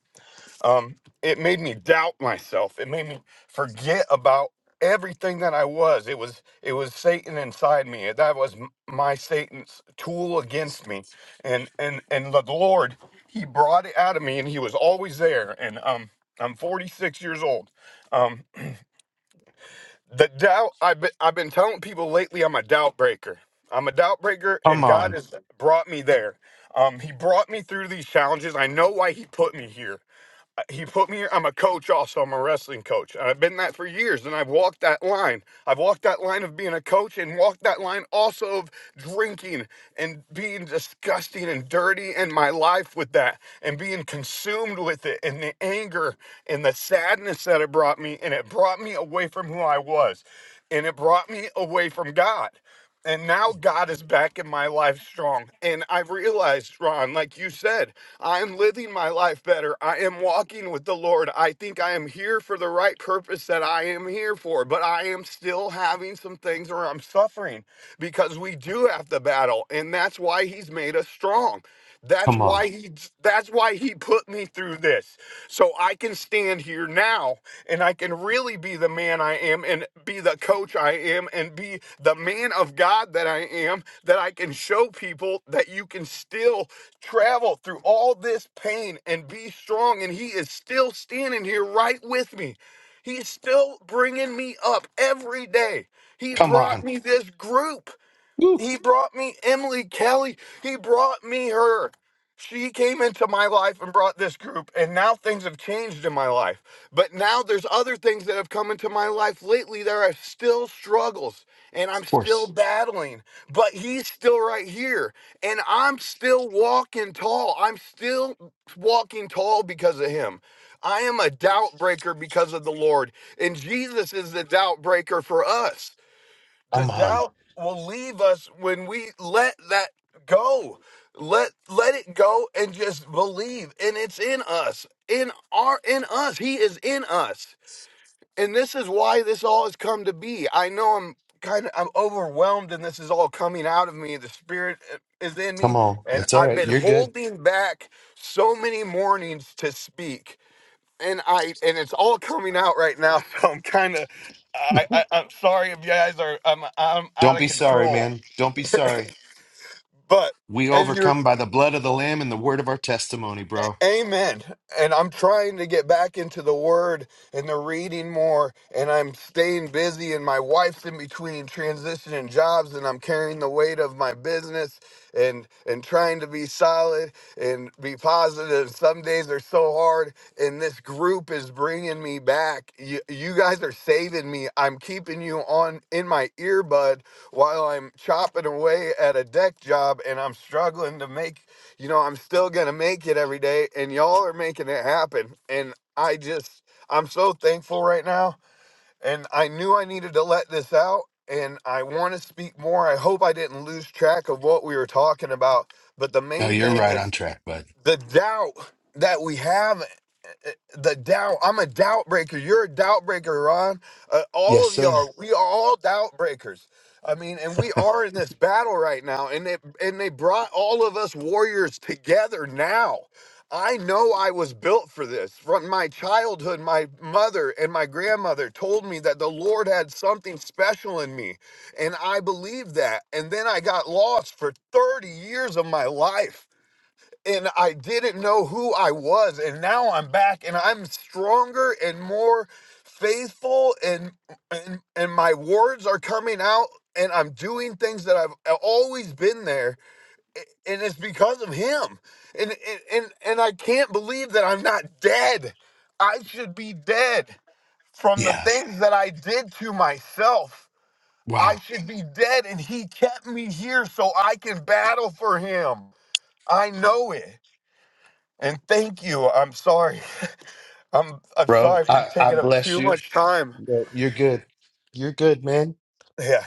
Speaker 10: um, it made me doubt myself. It made me forget about everything that I was. It was it was Satan inside me. That was m- my Satan's tool against me. And and and the Lord, He brought it out of me, and He was always there. And um, I'm 46 years old. Um, the doubt I've been I've been telling people lately, I'm a doubt breaker. I'm a doubt breaker,
Speaker 1: Come
Speaker 10: and God
Speaker 1: on.
Speaker 10: has brought me there. Um, he brought me through these challenges. I know why He put me here he put me here. I'm a coach also. I'm a wrestling coach. And I've been that for years and I've walked that line. I've walked that line of being a coach and walked that line also of drinking and being disgusting and dirty in my life with that and being consumed with it and the anger and the sadness that it brought me and it brought me away from who I was and it brought me away from God. And now God is back in my life strong. And I've realized, Ron, like you said, I am living my life better. I am walking with the Lord. I think I am here for the right purpose that I am here for, but I am still having some things where I'm suffering because we do have to battle. And that's why He's made us strong. That's
Speaker 1: Come on.
Speaker 10: why he that's why he put me through this. So I can stand here now and I can really be the man I am and be the coach I am and be the man of God that I am that I can show people that you can still travel through all this pain and be strong and he is still standing here right with me. He's still bringing me up every day. He
Speaker 1: Come
Speaker 10: brought
Speaker 1: on.
Speaker 10: me this group.
Speaker 1: Woo.
Speaker 10: He brought me Emily Kelly. He brought me her. She came into my life and brought this group, and now things have changed in my life. But now there's other things that have come into my life lately. There are still struggles, and I'm
Speaker 1: Of
Speaker 10: still
Speaker 1: course.
Speaker 10: battling, but he's still right here, and I'm still walking tall. I'm still walking tall because of him. I am a doubt breaker because of the Lord, and Jesus is the doubt breaker for us. The
Speaker 1: Come on.
Speaker 10: doubt will leave us when we let that go. Let let it go and just believe. And it's in us. In our in us. He is in us. And this is why this all has come to be. I know I'm kind of I'm overwhelmed and this is all coming out of me. The spirit eh, is in
Speaker 1: Come
Speaker 10: me
Speaker 1: on.
Speaker 10: and
Speaker 1: That's all
Speaker 10: I've
Speaker 1: right.
Speaker 10: been
Speaker 1: You're good.
Speaker 10: holding back so many mornings to speak and I and it's all coming out right now. So I'm kind of I, I I'm sorry if you guys are I'm I'm out
Speaker 1: Don't
Speaker 10: of
Speaker 1: be sorry,
Speaker 10: control.
Speaker 1: man. Don't be sorry.
Speaker 10: But
Speaker 1: We
Speaker 10: as you
Speaker 1: overcome by the blood of the Lamb and the word of our testimony,
Speaker 10: A-
Speaker 1: bro.
Speaker 10: Amen. And I'm trying to get back into the word and the reading more, and I'm staying busy, and my wife's in between transitioning jobs, and I'm carrying the weight of my business and and trying to be solid and be positive. Some days are so hard, and this group is bringing me back. You, you guys are saving me. I'm keeping you on in my earbud while I'm chopping away at a deck job, and I'm struggling to make you know, I'm still going to make it every day, and y'all are making it happen. And I just, I'm so thankful right now. And I knew I needed to let this out, and I want to speak more. I hope I didn't lose track of what we were talking about. But the
Speaker 1: No,
Speaker 10: main
Speaker 1: you're
Speaker 10: thing
Speaker 1: right on
Speaker 10: is
Speaker 1: track, bud.
Speaker 10: the doubt that we have the doubt. I'm a doubt breaker. You're a doubt breaker, Ron. Uh, all
Speaker 1: Yes,
Speaker 10: of
Speaker 1: sir.
Speaker 10: y'all, are- we are all doubt breakers. I mean, and we are in this battle right now, and it and they brought all of us warriors together now. I know I was built for this. From my childhood, my mother and my grandmother told me that the Lord had something special in me, and I believed that. And then I got lost for 30 years of my life and I didn't know who I was. And now I'm back and I'm stronger and more faithful and and and my words are coming out and I'm doing things that I've always been there a- and it's because of him. And and and, and I can't believe that I'm not dead. I should be dead from the
Speaker 1: Yeah.
Speaker 10: things that I did to myself. I
Speaker 1: Wow.
Speaker 10: should be dead and he kept me here so I can battle for him. I know it. And thank you. I'm sorry. I'm I'm
Speaker 1: Bro,
Speaker 10: sorry for
Speaker 1: I, I
Speaker 10: taking up
Speaker 1: bless
Speaker 10: too
Speaker 1: you.
Speaker 10: much time.
Speaker 1: Yo, You're good. You're good, man.
Speaker 10: Yeah.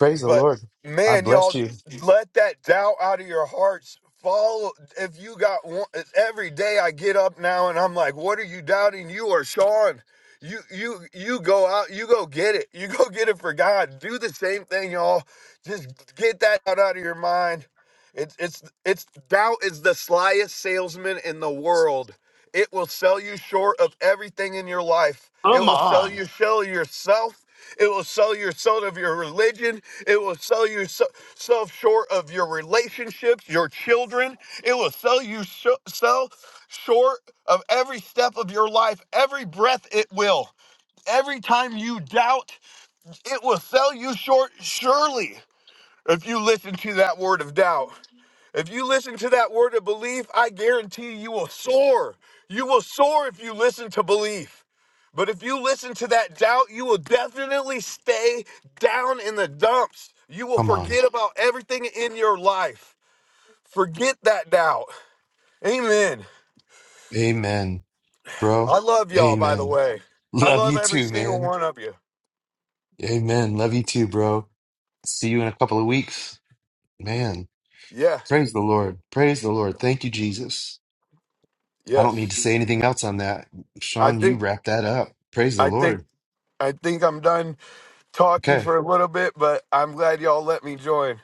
Speaker 1: Praise the
Speaker 10: But
Speaker 1: Lord. I
Speaker 10: man, y'all
Speaker 1: bless you.
Speaker 10: let that doubt out of your hearts. Follow if you got one it's every day I get up now and I'm like, what are you doubting? You are Sean. You you you go out, you go get it. You go get it for God. Do the same thing, y'all. Just get that out, out of your mind. It's it's it's doubt is the slyest salesman in the world. It will sell you short of everything in your life. It
Speaker 1: Come
Speaker 10: will sell
Speaker 1: on.
Speaker 10: you sell yourself it will sell your soul of your religion. It will sell you so- self short of your relationships, your children. It will sell you sh- sell short of every step of your life, every breath it will. Every time you doubt, it will sell you short, surely, if you listen to that word of doubt. If you listen to that word of belief, I guarantee you will soar. You will soar if you listen to belief. But if you listen to that doubt, you will definitely stay down in the dumps. You will
Speaker 1: Come on.
Speaker 10: forget about everything in your life. Forget that doubt. Amen.
Speaker 1: Amen, bro.
Speaker 10: I love y'all, by the
Speaker 1: Amen.
Speaker 10: way. I
Speaker 1: Love
Speaker 10: love
Speaker 1: you
Speaker 10: every
Speaker 1: too,
Speaker 10: single
Speaker 1: man.
Speaker 10: one of you.
Speaker 1: Amen. Love you too, bro. See you in a couple of weeks. Man,
Speaker 10: Yeah.
Speaker 1: praise the Lord. Praise the Lord. Thank you, Jesus. I don't need
Speaker 10: Yes.
Speaker 1: to say anything else on that.
Speaker 10: I
Speaker 1: Sean, you
Speaker 10: think,
Speaker 1: wrap that up. Praise the
Speaker 10: I think,
Speaker 1: Lord.
Speaker 10: I think I'm done talking
Speaker 1: Okay.
Speaker 10: for a little bit, but I'm glad y'all let me join.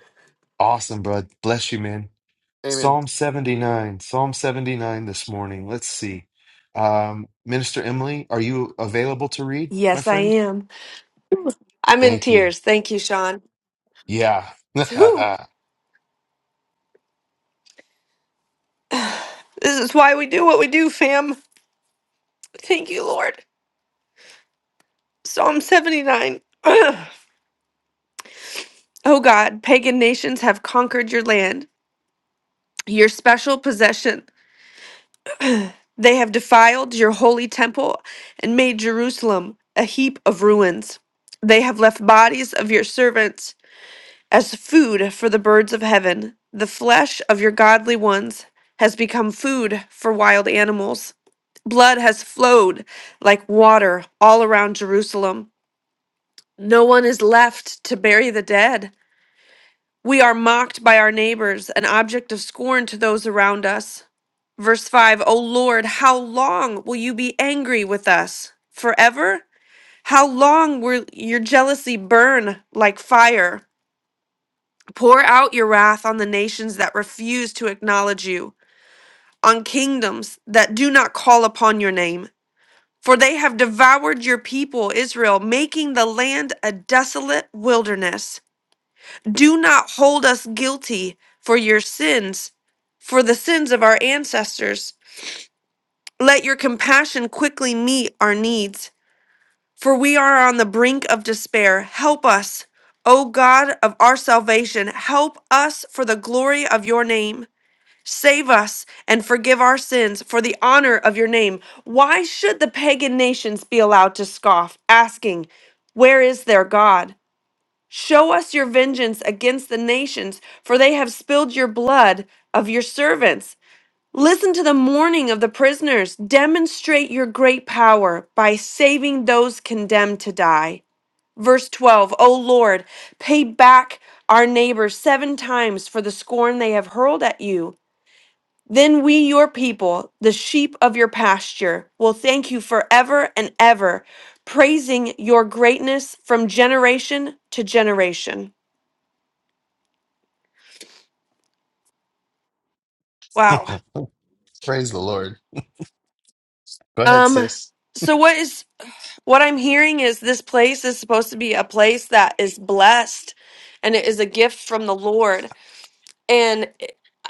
Speaker 1: Awesome, bro. Bless you, man.
Speaker 10: Amen.
Speaker 1: Psalm 79. Psalm 79 this morning. Let's see. Um, Minister Emily, are you available to read, my
Speaker 11: Yes, I
Speaker 1: friend?
Speaker 11: am. I'm in
Speaker 1: Thank you.
Speaker 11: tears. Thank you, Sean.
Speaker 1: Yeah.
Speaker 11: Whew. This is why we do what we do, fam. Thank you, Lord. Psalm 79. oh God, pagan nations have conquered your land, your special possession. They have defiled your holy temple and made Jerusalem a heap of ruins. They have left bodies of your servants as food for the birds of heaven. The flesh of your godly ones has become food for wild animals. Blood has flowed like water all around Jerusalem. No one is left to bury the dead. We are mocked by our neighbors, an object of scorn to those around us. Verse 5 O Lord, how long will you be angry with us? Forever? How long will your jealousy burn like fire? Pour out your wrath on the nations that refuse to acknowledge you, on kingdoms that do not call upon your name. For they have devoured your people, Israel, making the land a desolate wilderness. Do not hold us guilty for your sins, for the sins of our ancestors. Let your compassion quickly meet our needs, for we are on the brink of despair. Help us, O God of our salvation, help us for the glory of your name. Save us and forgive our sins for the honor of your name. Why should the pagan nations be allowed to scoff, asking, Where is their God? Show us your vengeance against the nations, for they have spilled your blood of your servants. Listen to the mourning of the prisoners. Demonstrate your great power by saving those condemned to die. Verse 12 O Lord, pay back our neighbors seven times for the scorn they have hurled at you. Then we, your people, the sheep of your pasture, will thank you forever and ever, praising your greatness from generation to generation. Wow.
Speaker 1: praise the Lord. Go ahead,
Speaker 11: Um,
Speaker 1: sis.
Speaker 11: so what is what I'm hearing is this place is supposed to be a place that is blessed and it is a gift from the Lord. And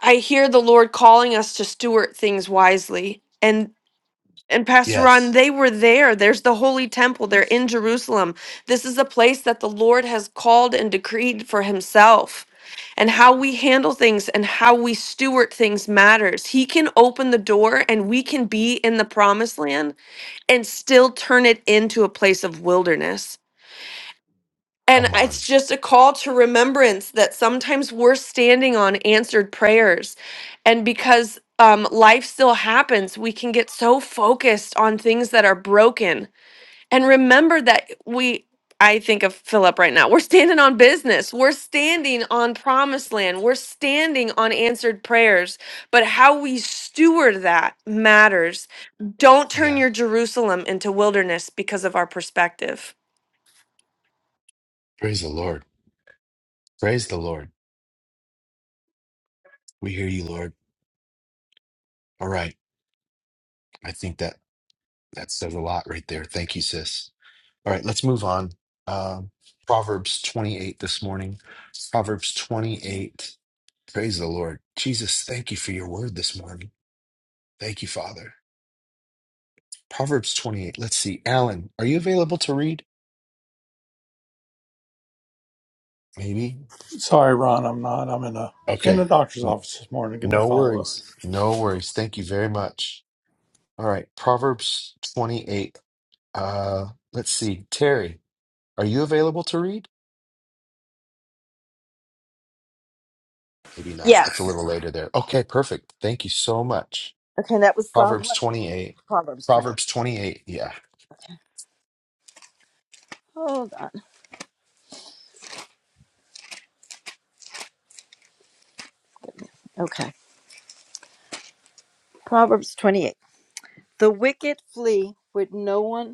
Speaker 11: I hear the Lord calling us to steward things wisely. And. And Pastor Ron,
Speaker 1: Yes.
Speaker 11: they were there. There's the Holy Temple. They're in Jerusalem. This is a place that the Lord has called and decreed for Himself. And how we handle things and how we steward things matters. He can open the door and we can be in the promised land and still turn it into a place of wilderness. And
Speaker 1: Come on.
Speaker 11: it's just a call to remembrance that sometimes we're standing on answered prayers. And because um, life still happens, we can get so focused on things that are broken. And remember that we, I think of Philip right now, we're standing on business, we're standing on promised land, we're standing on answered prayers. But how we steward that matters. Don't turn
Speaker 1: Yeah.
Speaker 11: your Jerusalem into wilderness because of our perspective.
Speaker 1: Praise the Lord. Praise the Lord. We hear you, Lord. All right. I think that that says a lot right there. Thank you, sis. All right, let's move on. Um, Proverbs 28 this morning. Proverbs 28. Praise the Lord. Jesus, thank you for your word this morning. Thank you, Father. Proverbs 28. Let's see. Alan, are you available to read? Maybe.
Speaker 7: Sorry, Ron, I'm not. I'm in a in the
Speaker 1: Okay.
Speaker 7: doctor's
Speaker 1: N-
Speaker 7: office this morning getting a
Speaker 1: No
Speaker 7: follow up.
Speaker 1: worries. No worries. Thank you very much. All right. Proverbs 28. Uh, let's see. Terry, are you available to read? Maybe not.
Speaker 9: Yes.
Speaker 1: It's a little later there. Okay, perfect. Thank you so much.
Speaker 9: Okay, that was Psalm
Speaker 1: Proverbs
Speaker 9: what?
Speaker 1: 28.
Speaker 9: Proverbs 28.
Speaker 1: Proverbs 28. Yeah.
Speaker 9: Hold on. Okay. Proverbs 28. The wicked flee with no one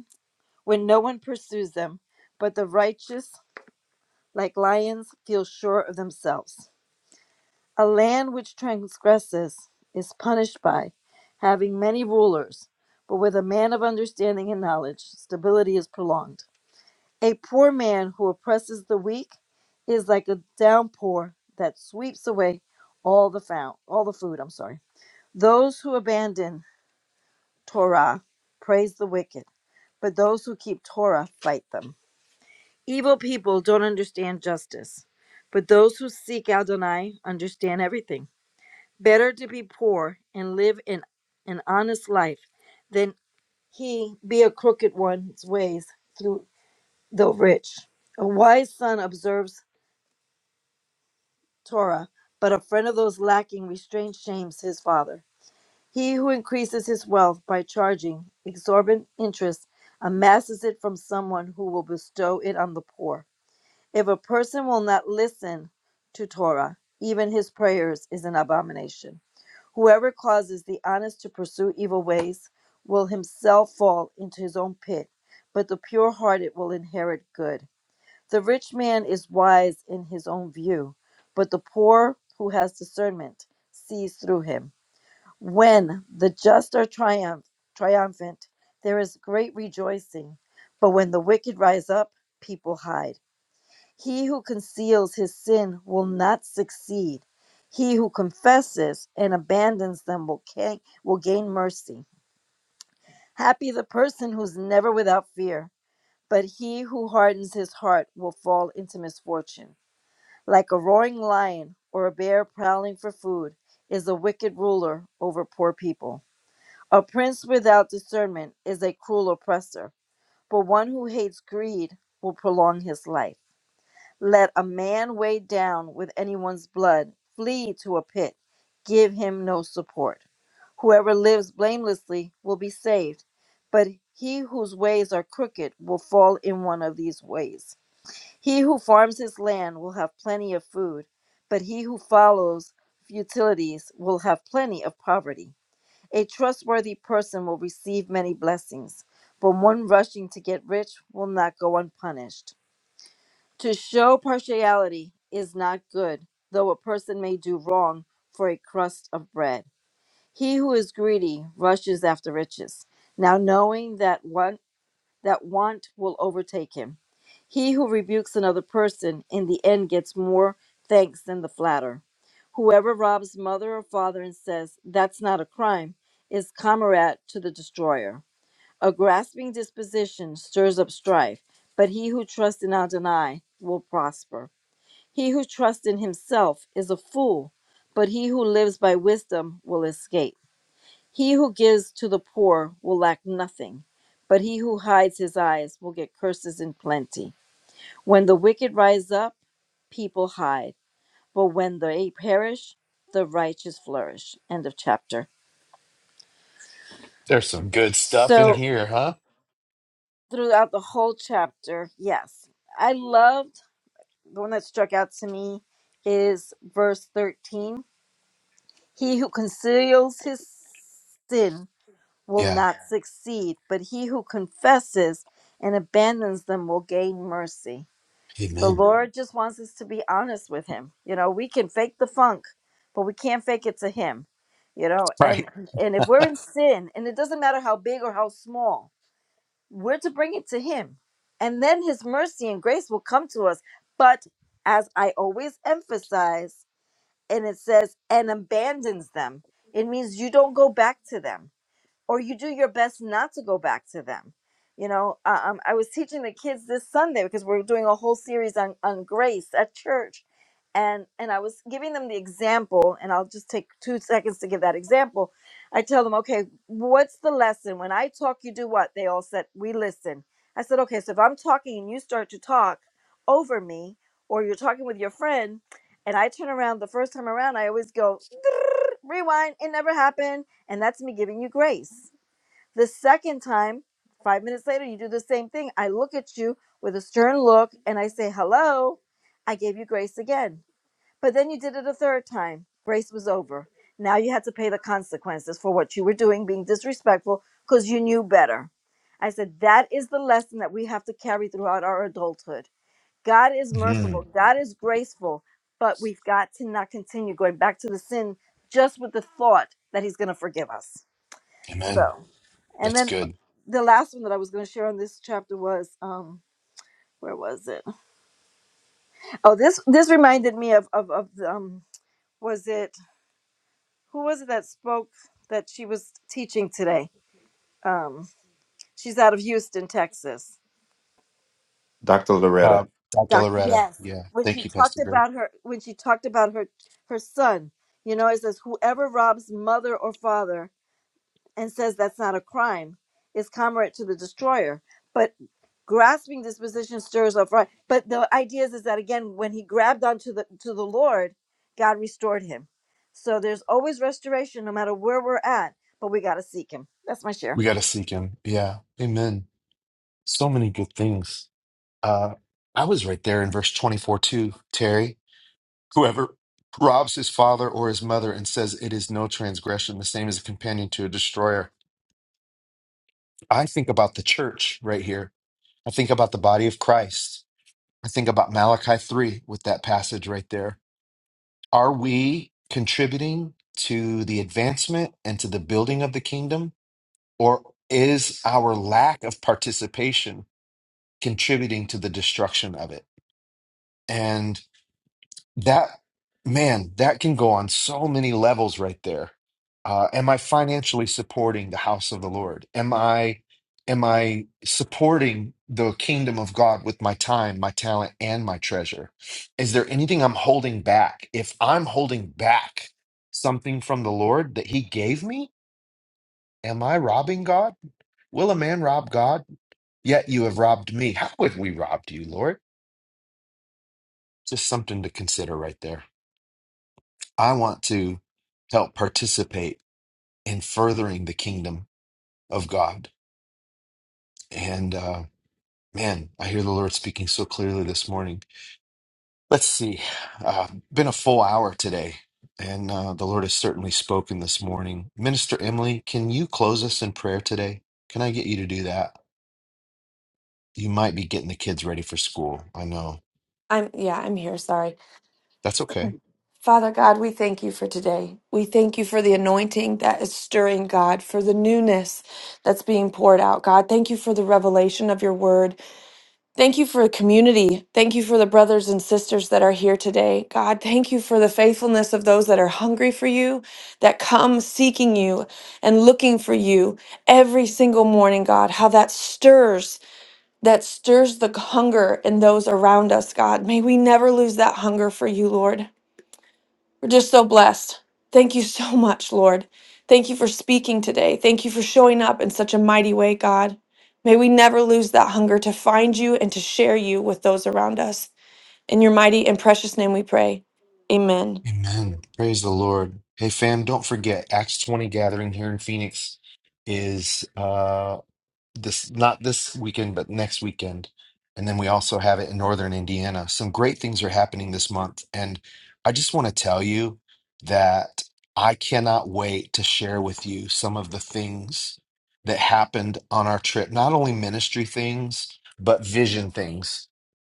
Speaker 9: when no one pursues them, but the righteous, like lions, feel sure of themselves. A land which transgresses is punished by having many rulers, but with a man of understanding and knowledge, stability is prolonged. A poor man who oppresses the weak is like a downpour that sweeps away all the found, all the food, I'm sorry. Those who abandon Torah praise the wicked, but those who keep Torah fight them. Evil people don't understand justice, but those who seek Adonai understand everything. Better to be poor and live in an honest life than he be a crooked one's ways through the rich. A wise son observes Torah, but a friend of those lacking restraint shames his father. He who increases his wealth by charging exorbitant interest amasses it from someone who will bestow it on the poor. If a person will not listen to Torah, even his prayers is an abomination. Whoever causes the honest to pursue evil ways will himself fall into his own pit, but the pure hearted will inherit good. The rich man is wise in his own view, but the poor who has discernment sees through him. When the just are triumph, triumphant, there is great rejoicing, but when the wicked rise up, people hide. He who conceals his sin will not succeed. He who confesses and abandons them will, ca- will gain mercy. Happy the person who's never without fear, but he who hardens his heart will fall into misfortune. Like a roaring lion or a bear prowling for food is a wicked ruler over poor people. A prince without discernment is a cruel oppressor, but one who hates greed will prolong his life. Let a man weighed down with anyone's blood flee to a pit. Give him no support. Whoever lives blamelessly will be saved, but he whose ways are crooked will fall in one of these ways. He who farms his land will have plenty of food, but he who follows futilities will have plenty of poverty. A trustworthy person will receive many blessings, but one rushing to get rich will not go unpunished. To show partiality is not good, though a person may do wrong for a crust of bread. He who is greedy rushes after riches, now knowing that want, that want will overtake him. He who rebukes another person in the end gets more thanks than the flatter. Whoever robs mother or father and says, That's not a crime, is comrade to the destroyer. A grasping disposition stirs up strife, but he who trusts in Adonai will prosper. He who trusts in himself is a fool, but he who lives by wisdom will escape. He who gives to the poor will lack nothing, but he who hides his eyes will get curses in plenty. When the wicked rise up, people hide, but when they perish, the righteous flourish. End of chapter.
Speaker 1: There's some good stuff in
Speaker 9: So,
Speaker 1: here, huh?
Speaker 9: throughout the whole chapter, yes, I loved the one that struck out to me is verse 13 He who conceals his sin will
Speaker 1: Yeah.
Speaker 9: not Yeah. succeed, but he who confesses and abandons them will gain mercy. The Mhm.
Speaker 1: Amen.
Speaker 9: Lord just wants us to be honest with him. You know, we can fake the funk, but we can't fake it to him. You know, and
Speaker 1: Right.
Speaker 9: and if we're in sin, and it doesn't matter how big or how small, we're to bring it to him. And then his mercy and grace will come to us. But as I always emphasize, and it says and abandons them it means you don't go back to them or you do your best not to go back to them. You know, uh, um, I was teaching the kids this Sunday because we're doing a whole series on, on grace at church. And, and I was giving them the example, and I'll just take two seconds to give that example. I tell them, okay, what's the lesson? When I talk, you do what? They all said, we listen. I said, okay, so if I'm talking and you start to talk over me, or you're talking with your friend, and I turn around the first time around, I always go, "Drrrr, rewind, it never happened and that's me giving you grace. The second time, five minutes later, you do the same thing. I look at you with a stern look and I say, hello. I gave you grace again. But then you did it a third time. Grace was over. Now you had to pay the consequences for what you were doing, being disrespectful because you knew better. I said, that is the lesson that we have to carry throughout our adulthood. God is merciful,
Speaker 1: Mhm.
Speaker 9: God is graceful, but we've got to not continue going back to the sin just with the thought that He's going to forgive us. So,
Speaker 1: Amen.
Speaker 9: and
Speaker 1: That's
Speaker 9: then
Speaker 1: good.
Speaker 9: the last one that I was going to share on this chapter was um where was it? Oh, this this reminded me of of of the, um was it who was it that spoke that she was teaching today? Um she's out of Houston, Texas.
Speaker 4: Dr. Loretta.
Speaker 1: Uh, Dr.
Speaker 9: Doc
Speaker 1: Loretta.
Speaker 9: Yes.
Speaker 1: Yeah.
Speaker 9: When
Speaker 1: Thank
Speaker 9: she
Speaker 1: you,
Speaker 9: talked
Speaker 1: Pastor Greg.
Speaker 9: about her when she talked about her her son, you know, it says whoever robs mother or father and says that's not a crime, is comrade to the destroyer. But grasping this position stirs up right. But the idea is, is that again, when he grabbed onto the to the Lord, God restored him. So there's always restoration, no matter where we're at. But we got to seek Him. That's my share.
Speaker 1: We got to seek him. Yeah. Amen. So many good things. Uh, I was right there in verse 24 too, Terry. Whoever robs his father or his mother and says it is no transgression, the same is a companion to a destroyer. I think about the church right here. I think about the body of Christ. I think about Malachi 3 with that passage right there. Are we contributing to the advancement and to the building of the kingdom? Or is our lack of participation contributing to the destruction of it? And. That man, that can go on so many levels right there. Uh, am I financially supporting the house of the Lord? Am I am I supporting the kingdom of God with my time, my talent, and my treasure? Is there anything I'm holding back? If I'm holding back something from the Lord that He gave me, am I robbing God? Will a man rob God? Yet you have robbed me. How have we robbed you, Lord? Just something to consider right there. I want to help participate in furthering the kingdom of God. And uh, man, I hear the Lord speaking so clearly this morning. Let's see, uh, been a full hour today, and uh, the Lord has certainly spoken this morning. Minister Emily, can you close us in prayer today? Can I get you to do that? You might be getting the kids ready for school. I know.
Speaker 11: I'm, yeah, I'm here. Sorry.
Speaker 1: That's okay.
Speaker 11: Father God, we thank you for today. We thank you for the anointing that is stirring, God, for the newness that's being poured out, God. Thank you for the revelation of your word. Thank you for the community. Thank you for the brothers and sisters that are here today, God. Thank you for the faithfulness of those that are hungry for you, that come seeking you and looking for you every single morning, God. How that stirs. That stirs the hunger in those around us, God. May we never lose that hunger for you, Lord. We're just so blessed. Thank you so much, Lord. Thank you for speaking today. Thank you for showing up in such a mighty way, God. May we never lose that hunger to find you and to share you with those around us. In your mighty and precious name we pray. Amen.
Speaker 1: Amen. Praise the Lord. Hey, fam, don't forget Acts 20 gathering here in Phoenix is. uh, this not this weekend, but next weekend. And then we also have it in northern Indiana. Some great things are happening this month. And I just want to tell you that I cannot wait to share with you some of the things that happened on our trip, not only ministry things, but vision things,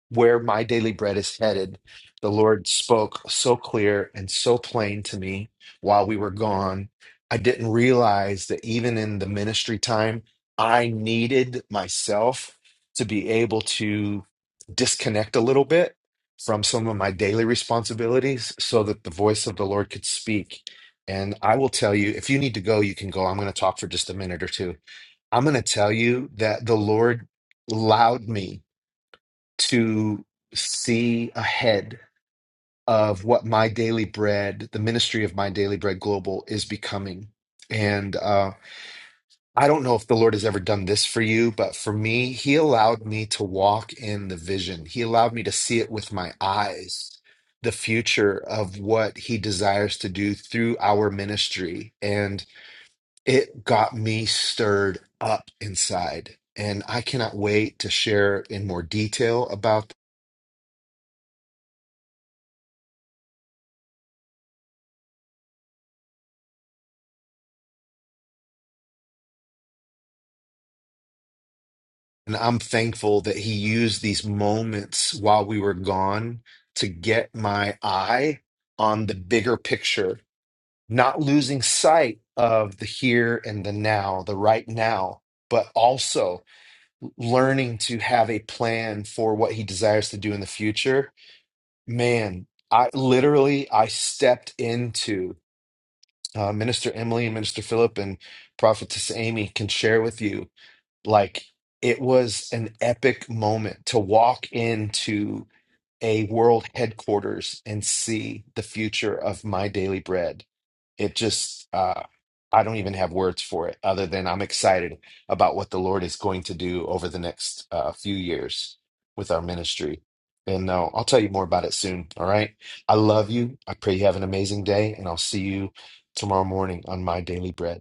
Speaker 1: where my daily bread is headed. The Lord spoke so clear and so plain to me while we were gone. I didn't realize that even in the ministry time, I needed myself to be able to disconnect a little bit from some of my daily responsibilities so that the voice of the Lord could speak. And I will tell you, if you need to go, you can go. I'm going to talk for just a minute or two. I'm going to tell you that the Lord allowed me to see ahead of what my daily bread, the ministry of my daily bread global is becoming. And um, I don't know if the Lord has ever done this for you, but for me, He allowed me to walk in the vision. He allowed me to see it with my eyes, the future of what He desires to do through our ministry. And it got me stirred up inside. And I cannot wait to share in more detail about that. And I'm thankful that He used these moments while we were gone to get my eye on the bigger picture not losing sight of the here and the now, the right now, but also learning to have a plan for what he desires to do in the future. Man, I literally I stepped into uh, Minister Emily and Minister Philip and Prophetess Amy can share with you like it was an epic moment to walk into a world headquarters and see the future of my daily bread. It just, uh, I don't even have words for it other than I'm excited about what the Lord is going to do over the next uh, few years with our ministry. And uh, I'll tell you more about it soon. All right. I love you. I pray you have an amazing day, and I'll see you tomorrow morning on My Daily Bread.